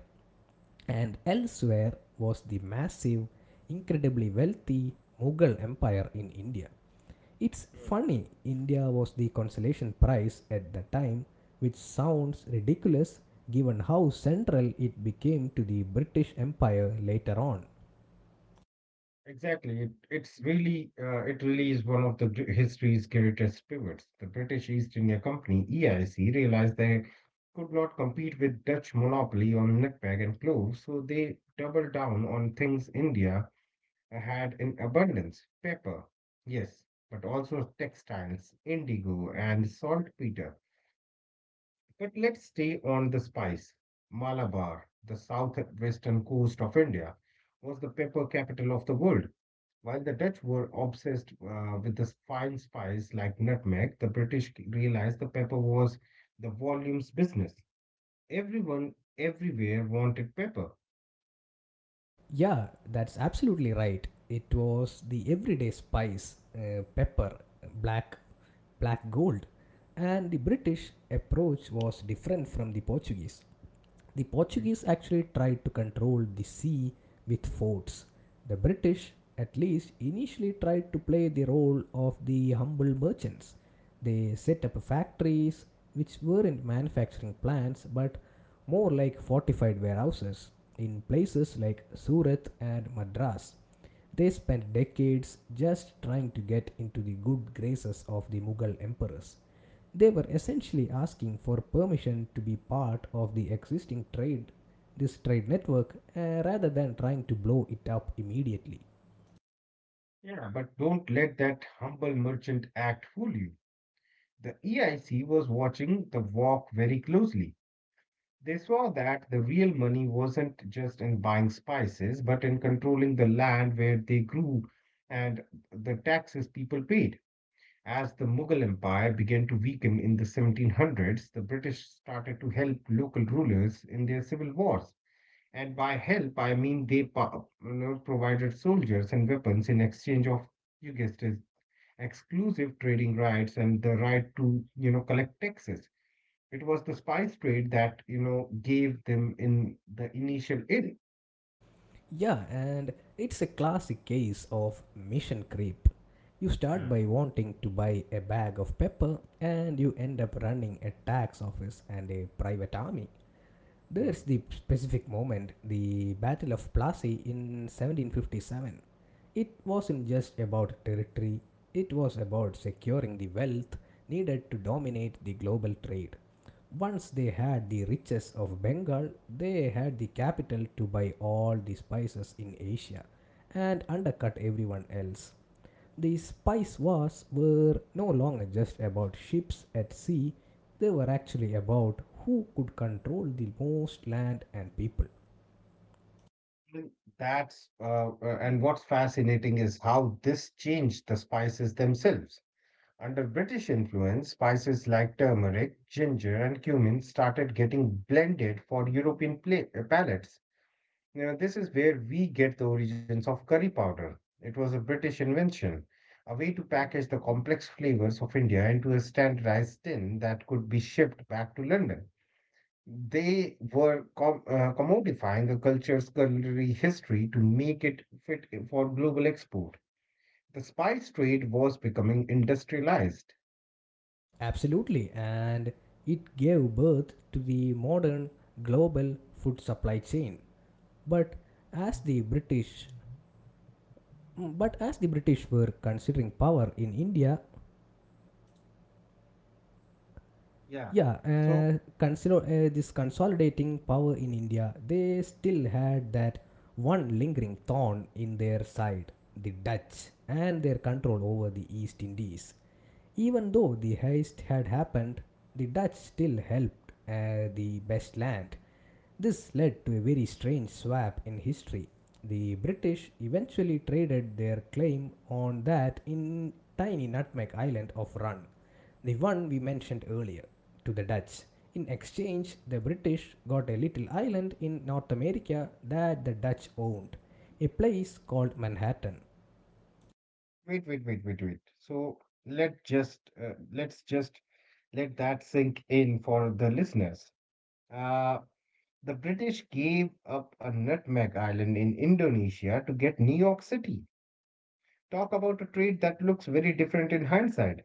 Speaker 1: And elsewhere was the massive, incredibly wealthy Mughal Empire in India. It's
Speaker 2: Mm.
Speaker 1: funny, India was the consolation prize at the time, which sounds ridiculous given how central it became to the British Empire later on.
Speaker 2: Exactly. It really is one of the history's greatest pivots. The British East India Company, EIC, realized they could not compete with Dutch monopoly on nutmeg and clove, so they doubled down on things India I had in abundance, paper, yes, but also textiles, indigo, and saltpeter. But let's stay on the spice. Malabar, the southwestern coast of India, was the pepper capital of the world. While the Dutch were obsessed with this fine spice like nutmeg, the British realized the pepper was the volume's business. Everyone, everywhere wanted pepper.
Speaker 1: Yeah, that's absolutely right. It was the everyday spice, pepper, black, black gold, and the British approach was different from the Portuguese. The Portuguese actually tried to control the sea with forts. The British, at least, initially tried to play the role of the humble merchants. They set up factories which weren't manufacturing plants but more like fortified warehouses in places like Surat and Madras. They spent decades just trying to get into the good graces of the Mughal emperors. They were essentially asking for permission to be part of the existing trade, this trade network, rather than trying to blow it up immediately.
Speaker 2: Yeah, but don't let that humble merchant act fool you. The EIC was watching the walk very closely. They saw that the real money wasn't just in buying spices, but in controlling the land where they grew and the taxes people paid. As the Mughal Empire began to weaken in the 1700s, the British started to help local rulers in their civil wars. And by help, I mean they provided soldiers and weapons in exchange of, you guessed it, exclusive trading rights and the right to, collect taxes. It was the spice trade that, gave them in the initial in.
Speaker 1: Yeah, and it's a classic case of mission creep. You start
Speaker 2: Mm.
Speaker 1: by wanting to buy a bag of pepper, and you end up running a tax office and a private army.
Speaker 2: Mm.
Speaker 1: There's the specific moment, the Battle of Plassey in 1757. It wasn't just about territory, it was about securing the wealth needed to dominate the global trade. Once they had the riches of Bengal, they had the capital to buy all the spices in Asia and undercut everyone else. The spice wars were no longer just about ships at sea, they were actually about who could control the most land and people.
Speaker 2: And and what's fascinating is how this changed the spices themselves. Under British influence, spices like turmeric, ginger, and cumin started getting blended for European palates. Now, this is where we get the origins of curry powder. It was a British invention, a way to package the complex flavors of India into a standardized tin that could be shipped back to London. They were commodifying a culture's culinary history to make it fit for global export. The spice trade was becoming industrialized.
Speaker 1: Absolutely, and it gave birth to the modern global food supply chain. But as the British but as the British were considering power in India,
Speaker 2: Yeah.
Speaker 1: Yeah,
Speaker 2: So
Speaker 1: consider this consolidating power in India, they still had that one lingering thorn in their side, the Dutch and their control over the East Indies. Even though the heist had happened, the Dutch still helped the best land. This led to a very strange swap in history. The British eventually traded their claim on that in tiny nutmeg island of Run, the one we mentioned earlier, to the Dutch. In exchange, the British got a little island in North America that the Dutch owned, a place called Manhattan.
Speaker 2: wait, wait, wait, wait, wait. So let's just let that sink in for the listeners. Uh, the British gave up a nutmeg island in Indonesia to get New York City. Talk about a trade that looks very different in hindsight.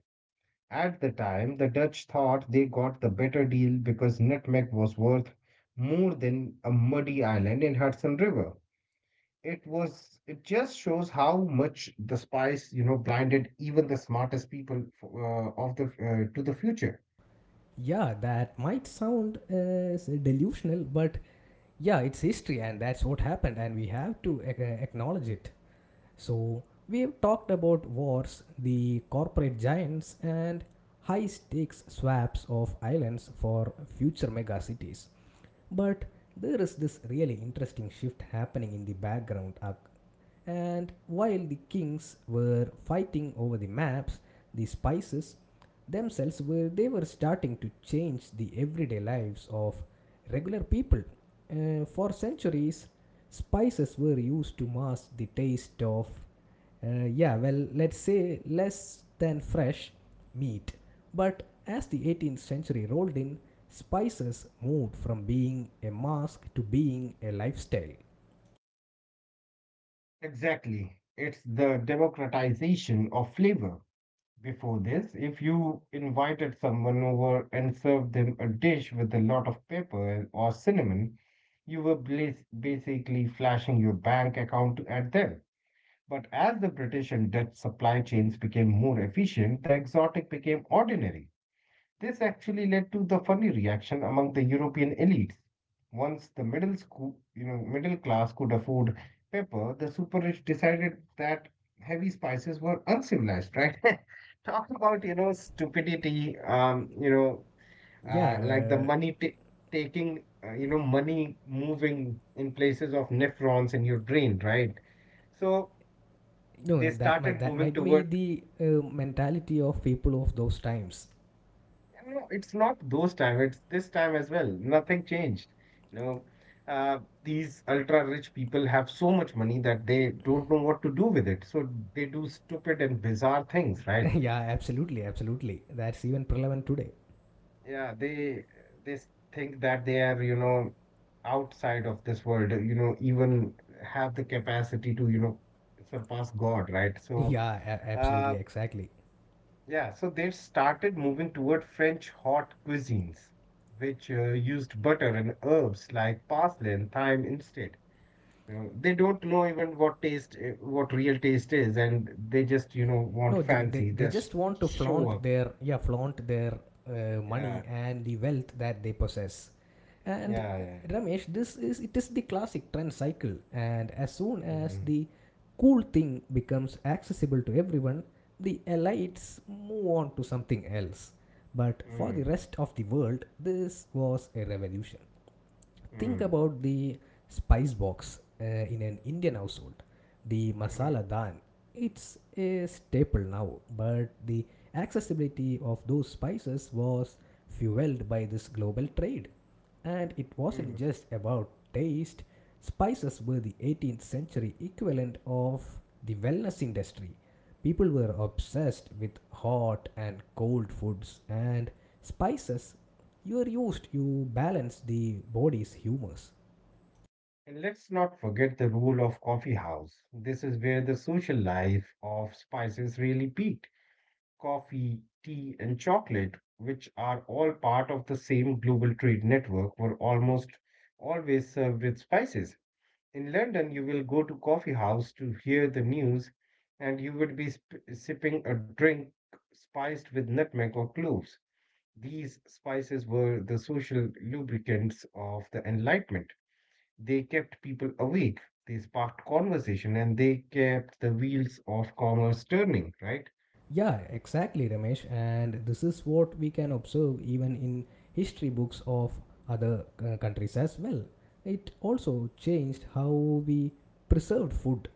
Speaker 2: At the time, the Dutch thought they got the better deal because nutmeg was worth more than a muddy island in Hudson River. It just shows how much the spice, blinded even the smartest people f- of the to the future.
Speaker 1: Yeah, that might sound as delusional, but yeah, it's history and that's what happened, and we have to acknowledge it. So, we have talked about wars, the corporate giants, and high stakes swaps of islands for future megacities. But there is this really interesting shift happening in the background. And while the kings were fighting over the maps, the spices themselves were they were starting to change the everyday lives of regular people. For centuries, spices were used to mask the taste of, yeah, well, let's say, less than fresh meat. But as the 18th century rolled in, spices moved from being a mask to being a lifestyle.
Speaker 2: Exactly. It's the democratization of flavor. Before this, if you invited someone over and served them a dish with a lot of pepper or cinnamon, you were basically flashing your bank account at them. But as the British and Dutch supply chains became more efficient, the exotic became ordinary. This actually led to the funny reaction among the European elites. Once the middle school, you know, middle class could afford pepper, the super rich decided that heavy spices were uncivilized, right? Talk about, stupidity, like the
Speaker 1: Yeah,
Speaker 2: money ta taking, money moving in places of nephrons in your brain, right? So
Speaker 1: you know,
Speaker 2: they started
Speaker 1: that
Speaker 2: moving
Speaker 1: might be
Speaker 2: toward.
Speaker 1: the mentality of people of those times.
Speaker 2: No, it's not those time. It's this time as well. Nothing changed. You know, these ultra rich people have so much money that they don't know what to do with it. So they do stupid and bizarre things, right?
Speaker 1: Yeah, absolutely, absolutely. That's even prevalent today.
Speaker 2: Yeah, they think that they are, outside of this world. Even have the capacity to, surpass God, right?
Speaker 1: Yeah,
Speaker 2: Uh,
Speaker 1: absolutely, exactly.
Speaker 2: Yeah, so they started moving toward French hot cuisines, which used butter and herbs like parsley and thyme instead. They don't know even what taste, what real taste is, and they just, want
Speaker 1: No, they
Speaker 2: fancy. They just
Speaker 1: just want to
Speaker 2: show
Speaker 1: flaunt
Speaker 2: up.
Speaker 1: their, yeah, flaunt their money
Speaker 2: Yeah,
Speaker 1: and the wealth that they possess. And
Speaker 2: yeah,
Speaker 1: Ramesh, this is it is the classic trend cycle, and as soon as
Speaker 2: yeah.
Speaker 1: the cool thing becomes accessible to everyone, the elites move on to something else. But
Speaker 2: Mm-hmm.
Speaker 1: for the
Speaker 2: Mm-hmm.
Speaker 1: rest of the world, this was a revolution. Think about the spice box in an Indian household. The
Speaker 2: Mm-hmm.
Speaker 1: masala daan, it's a staple now, but the accessibility of those spices was fueled by this global trade. And it wasn't
Speaker 2: Mm.
Speaker 1: just about taste, spices were the 18th century equivalent of the wellness industry. People were obsessed with hot and cold foods, and spices, you are used, you balance the body's humors.
Speaker 2: And let's not forget the role of coffee house. This is where the social life of spices really peaked. Coffee, tea, and chocolate, which are all part of the same global trade network, were almost always served with spices. In London, you will go to coffee house to hear the news, and you would be sipping a drink spiced with nutmeg or cloves. These spices were the social lubricants of the Enlightenment. They kept people awake, they sparked conversation, and they kept the wheels of commerce turning, right?
Speaker 1: Yeah, exactly, Ramesh. And this is what we can observe even in history books of other countries as well. It also changed how we preserved food.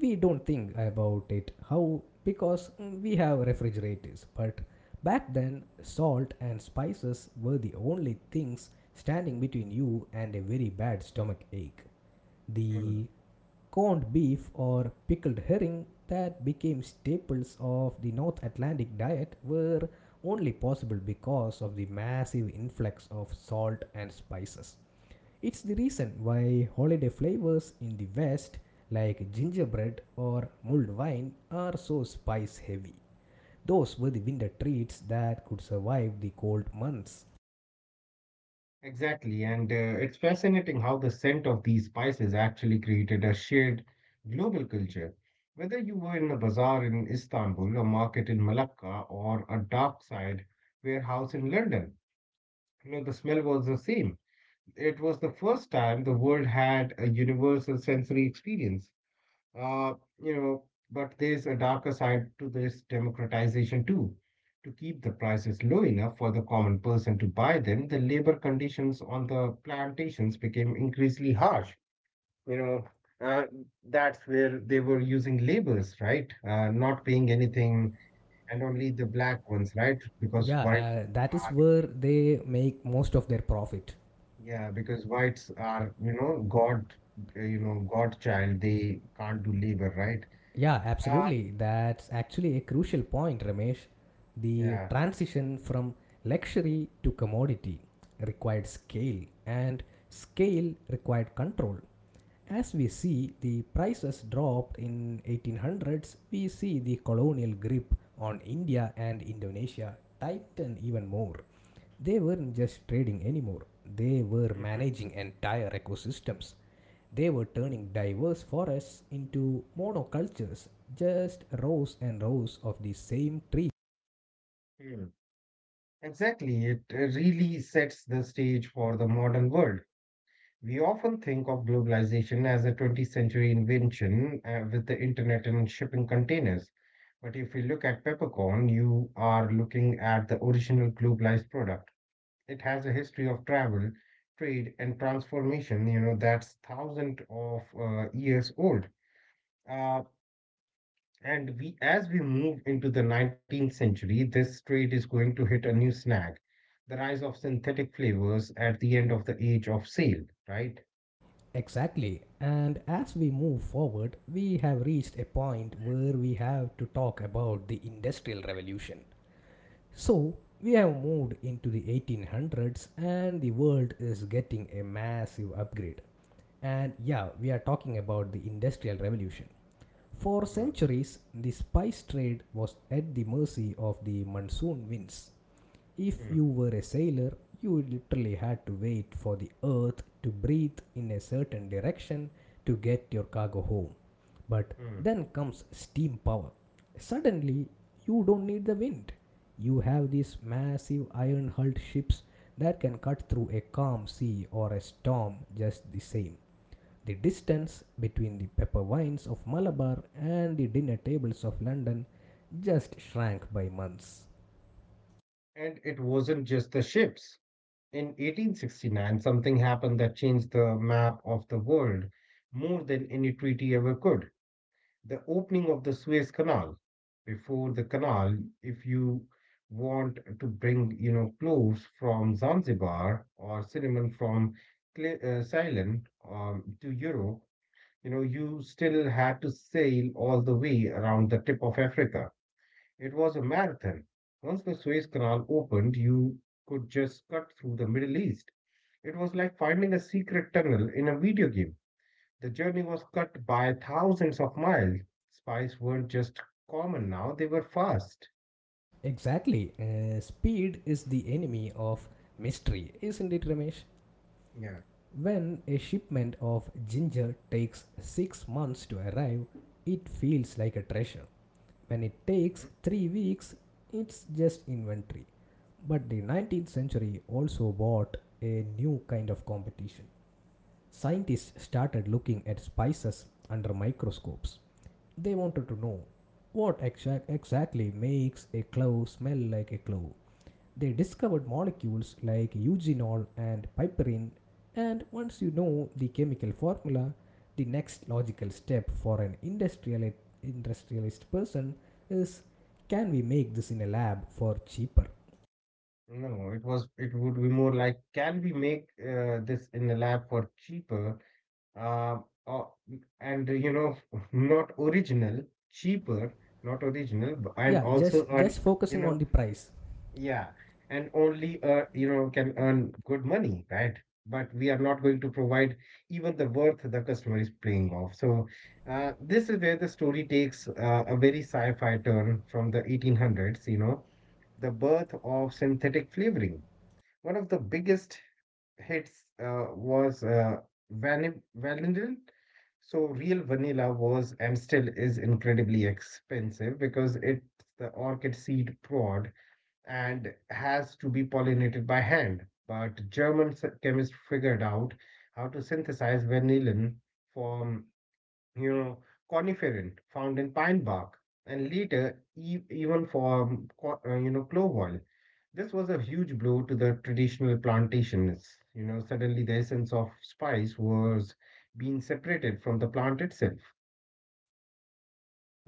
Speaker 1: We don't think about it how because we have refrigerators, but back then salt and spices were the only things standing between you and a very bad stomach ache. The Corned beef or pickled herring that became staples of the North Atlantic diet were only possible because of the massive influx of salt and spices. It's the reason why holiday flavors in the West, like gingerbread or mulled wine, are so spice heavy. Those were the winter treats that could survive the cold months.
Speaker 2: Exactly, and it's fascinating how the scent of these spices actually created a shared global culture. Whether you were in a bazaar in Istanbul, a market in Malacca, or a dark side warehouse in London, the smell was the same. It was the first time the world had a universal sensory experience. Uh, you know, but there's a darker side to this democratization too. To keep the prices low enough for the common person to buy them, the labor conditions on the plantations became increasingly harsh. You know, uh, that's where they were using laborers, right? Not paying anything, and only the black ones, right?
Speaker 1: Yeah, that
Speaker 2: Are,
Speaker 1: is where they make most of their profit.
Speaker 2: yeah, because whites are, God, God child. They can't do labor, right?
Speaker 1: Yeah,
Speaker 2: Uh,
Speaker 1: absolutely. That's actually a crucial point, Ramesh. The
Speaker 2: yeah.
Speaker 1: transition from luxury to commodity required scale, and scale required control. As we see the prices dropped in 1800s, we see the colonial grip on India and Indonesia tighten even more. They weren't just trading anymore. They were
Speaker 2: Hmm.
Speaker 1: managing entire ecosystems. They were turning diverse forests into monocultures, just rows and rows of the same tree.
Speaker 2: Exactly, it really sets the stage for the modern world. We often think of globalization as a 20th century invention with the internet and shipping containers. But if we look at peppercorn, you are looking at the original globalized product. It has a history of travel, trade, and transformation, that's thousands of years old. Uh, and we, as we move into the 19th century, this trade is going to hit a new snag, the rise of synthetic flavors at the end of the age of sail, right?
Speaker 1: Exactly, and as we move forward, we have reached a point where we have to talk about the Industrial Revolution. So, we have moved into the 1800s and the world is getting a massive upgrade. And yeah, we are talking about the Industrial Revolution. For
Speaker 2: Mm.
Speaker 1: centuries, the spice trade was at the mercy of the monsoon winds. If
Speaker 2: Mm.
Speaker 1: you were a sailor, you literally had to wait for the earth to breathe in a certain direction to get your cargo home. But
Speaker 2: Mm.
Speaker 1: then comes steam power. Suddenly, you don't need the wind. You have these massive iron hulled ships that can cut through a calm sea or a storm just the same. The distance between the pepper vines of Malabar and the dinner tables of London just shrank by months.
Speaker 2: And it wasn't just the ships. In 1869, something happened that changed the map of the world more than any treaty ever could. The opening of the Suez Canal. Before the canal, if you want to bring, cloves from Zanzibar or cinnamon from Ceylon to Europe, you still had to sail all the way around the tip of Africa. It was a marathon. Once the Suez Canal opened, you could just cut through the Middle East. It was like finding a secret tunnel in a video game. The journey was cut by thousands of miles. Spies weren't just common now, they were fast.
Speaker 1: Exactly. Speed is the enemy of mystery, isn't it, Ramesh?
Speaker 2: Yeah.
Speaker 1: When a shipment of ginger takes 6 months to arrive, it feels like a treasure. When it takes
Speaker 2: Mhm.
Speaker 1: 3 weeks, it's just inventory. But the 19th century also brought a new kind of competition. Scientists started looking at spices under microscopes. They wanted to know what exactly makes a clove smell like a clove. They discovered molecules like eugenol and piperine, and once you know the chemical formula, the next logical step for an industrialist person is, can we make this in a lab for cheaper?
Speaker 2: No, it would be more like, can we make this in the lab for cheaper, uh, uh, and not original, cheaper, not original, and
Speaker 1: Yeah,
Speaker 2: also earn,
Speaker 1: just
Speaker 2: you
Speaker 1: focusing on
Speaker 2: know
Speaker 1: the price.
Speaker 2: yeah, and only can earn good money, right? But we are not going to provide even the worth the customer is paying off. So this is where the story takes a very sci-fi turn from the 1800s. The birth of synthetic flavoring, one of the biggest hits was vanilla. So real vanilla was and still is incredibly expensive because it's the orchid seed pod and has to be pollinated by hand. But German chemists figured out how to synthesize vanillin from you know, coniferin found in pine bark, and later even for clove oil. This was a huge blow to the traditional plantations. Suddenly the essence of spice was being separated from the plant itself.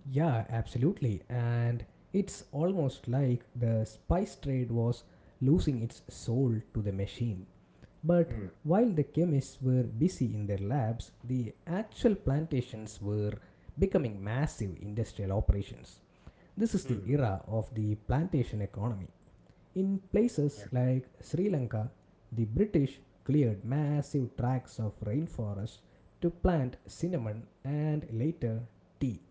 Speaker 1: Yeah, absolutely. And it's almost like the spice trade was losing its soul to the machine. But
Speaker 2: Hmm.
Speaker 1: while the chemists were busy in their labs, the actual plantations were becoming massive industrial operations. This is the
Speaker 2: Hmm.
Speaker 1: era of the plantation economy. In
Speaker 2: Yeah.
Speaker 1: places like Sri Lanka, the British cleared massive tracts of rainforest to plant cinnamon and later tea.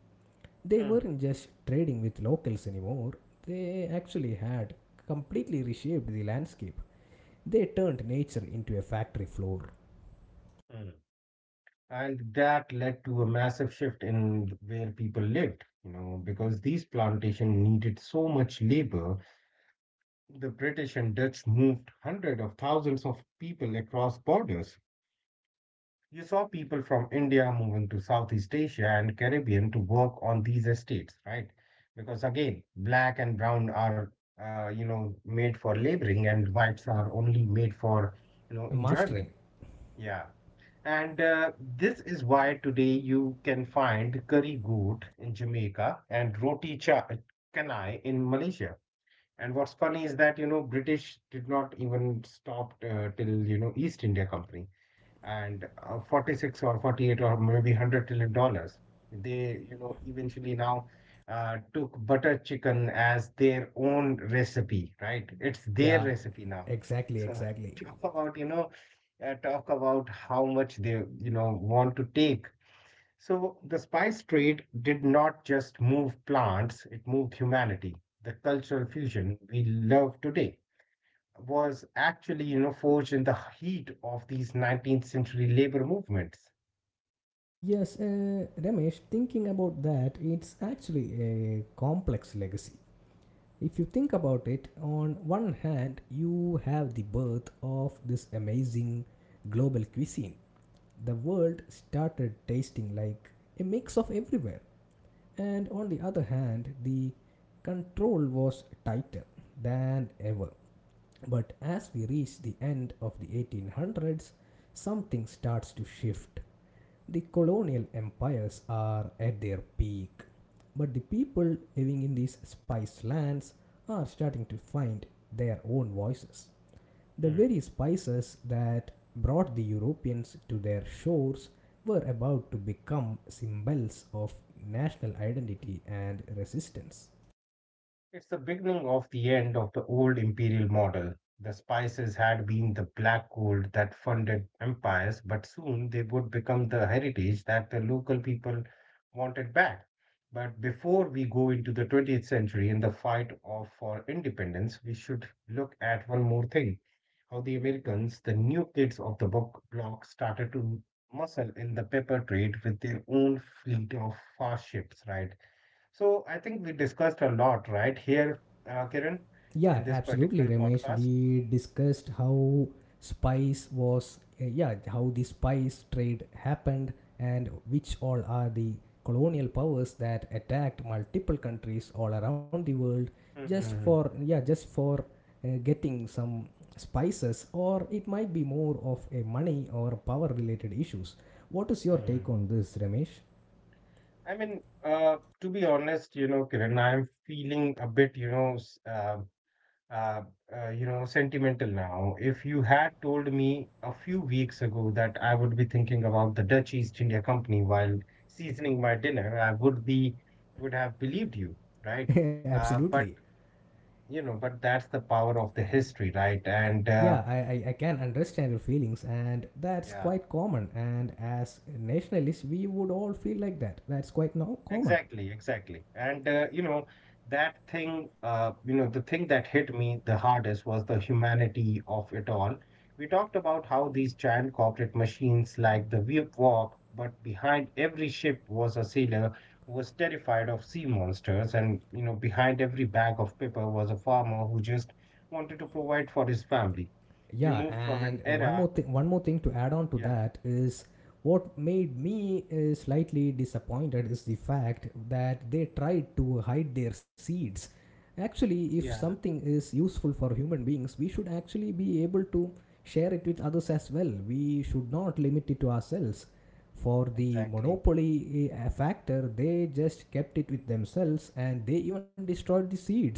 Speaker 1: They
Speaker 2: Mm.
Speaker 1: weren't just trading with locals anymore, they actually had completely reshaped the landscape. They turned nature into a factory floor.
Speaker 2: Mm. And that led to a massive shift in where people lived, because these plantations needed so much labor. The British and Dutch moved hundreds of thousands of people across borders. You saw people from India moving to Southeast Asia and Caribbean to work on these estates, right? Because again, black and brown are, made for laboring, and whites are only made for, enjoyment.
Speaker 1: Mastering.
Speaker 2: Yeah. And this is why today you can find curry goat in Jamaica and roti cha canai in Malaysia. And what's funny is that, British did not even stop till, East India Company and 46 or 48 or maybe 100 trillion dollars. They, eventually now took butter chicken as their own recipe, right? It's their
Speaker 1: Yeah,
Speaker 2: recipe now.
Speaker 1: exactly,
Speaker 2: So
Speaker 1: exactly.
Speaker 2: talk about, you know, talk about how much they, want to take. So the spice trade did not just move plants, it moved humanity. The cultural fusion we love today was actually, forged in the heat of these 19th century labor movements.
Speaker 1: Yes, Ramesh, thinking about that, it's actually a complex legacy. If you think about it, on one hand, you have the birth of this amazing global cuisine. The world started tasting like a mix of everywhere. And on the other hand, the control was tighter than ever. But as we reach the end of the 1800s, something starts to shift. The colonial empires are at their peak, but the people living in these spice lands are starting to find their own voices. The very spices that brought the Europeans to their shores were about to become symbols of national identity and resistance.
Speaker 2: It's the beginning of the end of the old imperial model. The spices had been the black gold that funded empires, but soon they would become the heritage that the local people wanted back. But before we go into the 20th century and the fight for independence, we should look at one more thing, how the Americans, the new kids of the book block, started to muscle in the pepper trade with their own fleet of fast ships, right? So I think we discussed a lot right here, Kiran,
Speaker 1: Yeah,
Speaker 2: in this
Speaker 1: absolutely,
Speaker 2: particular
Speaker 1: Ramesh.
Speaker 2: podcast.
Speaker 1: We discussed how spice was, yeah, how the spice trade happened and which all are the colonial powers that attacked multiple countries all around the world just for,
Speaker 2: Hmm.
Speaker 1: yeah, just for getting some spices, or it might be more of a money or power related issues. What is your take
Speaker 2: Hmm.
Speaker 1: on this, Ramesh?
Speaker 2: I mean, to be honest, Kiran, I'm feeling a bit, uh, sentimental now. If you had told me a few weeks ago that I would be thinking about the Dutch East India Company while seasoning my dinner, I would have believed you, right? Uh,
Speaker 1: Absolutely.
Speaker 2: but but that's the power of the history, right? And
Speaker 1: Yeah, I can understand your feelings, and that's
Speaker 2: yeah.
Speaker 1: quite common. And as nationalists, we would all feel like that. That's quite common.
Speaker 2: Exactly, exactly. And you know, that thing, you know, the thing that hit me the hardest was the humanity of it all. We talked about how these giant corporate machines like the Whip Walk, but behind every ship was a sailor who was terrified of sea monsters, and behind every bag of paper was a farmer who just wanted to provide for his family. We
Speaker 1: Yeah,
Speaker 2: moved from an
Speaker 1: and
Speaker 2: era,
Speaker 1: one more thing to add on to
Speaker 2: yeah,
Speaker 1: that is, what made me slightly disappointed is the fact that they tried to hide their seeds. Actually, if
Speaker 2: yeah,
Speaker 1: something is useful for human beings, we should actually be able to share it with others as well. We should not limit it to ourselves for the
Speaker 2: exactly.
Speaker 1: monopoly factor. They just kept it with themselves and they even destroyed the seeds,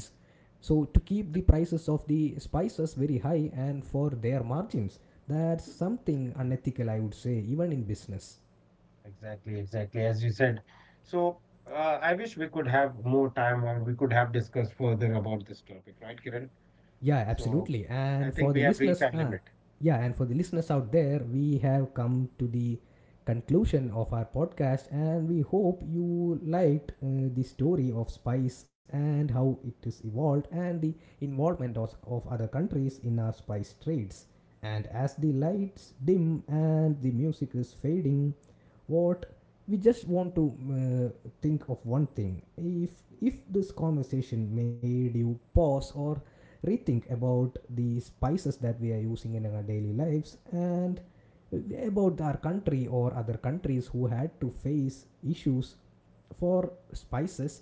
Speaker 1: so to keep the prices of the spices very high and for their margins. That's something
Speaker 2: Exactly.
Speaker 1: unethical, I would say, even in business.
Speaker 2: Exactly, exactly. As you said. So, I wish we could have more time or we could have discussed further about this topic, right, Kiran?
Speaker 1: Yeah, absolutely.
Speaker 2: So,
Speaker 1: And
Speaker 2: I
Speaker 1: for the
Speaker 2: think we have
Speaker 1: listeners,
Speaker 2: reached our limit.
Speaker 1: yeah, and for the listeners out there, we have come to the conclusion of our podcast, and we hope you liked the story of spice and how it is evolved and the involvement of other countries in our spice trades. And as the lights dim and the music is fading, what we just want to think of one thing, if this conversation made you pause or rethink about the spices that we are using in our daily lives and about our country or other countries who had to face issues for spices,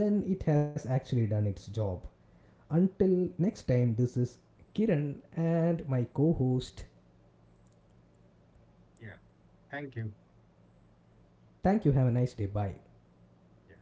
Speaker 1: then it has actually done its job. Until next time, this is Kiran and my co-host.
Speaker 2: Yeah. Thank you.
Speaker 1: Thank you, have a nice day, bye.
Speaker 2: Yeah.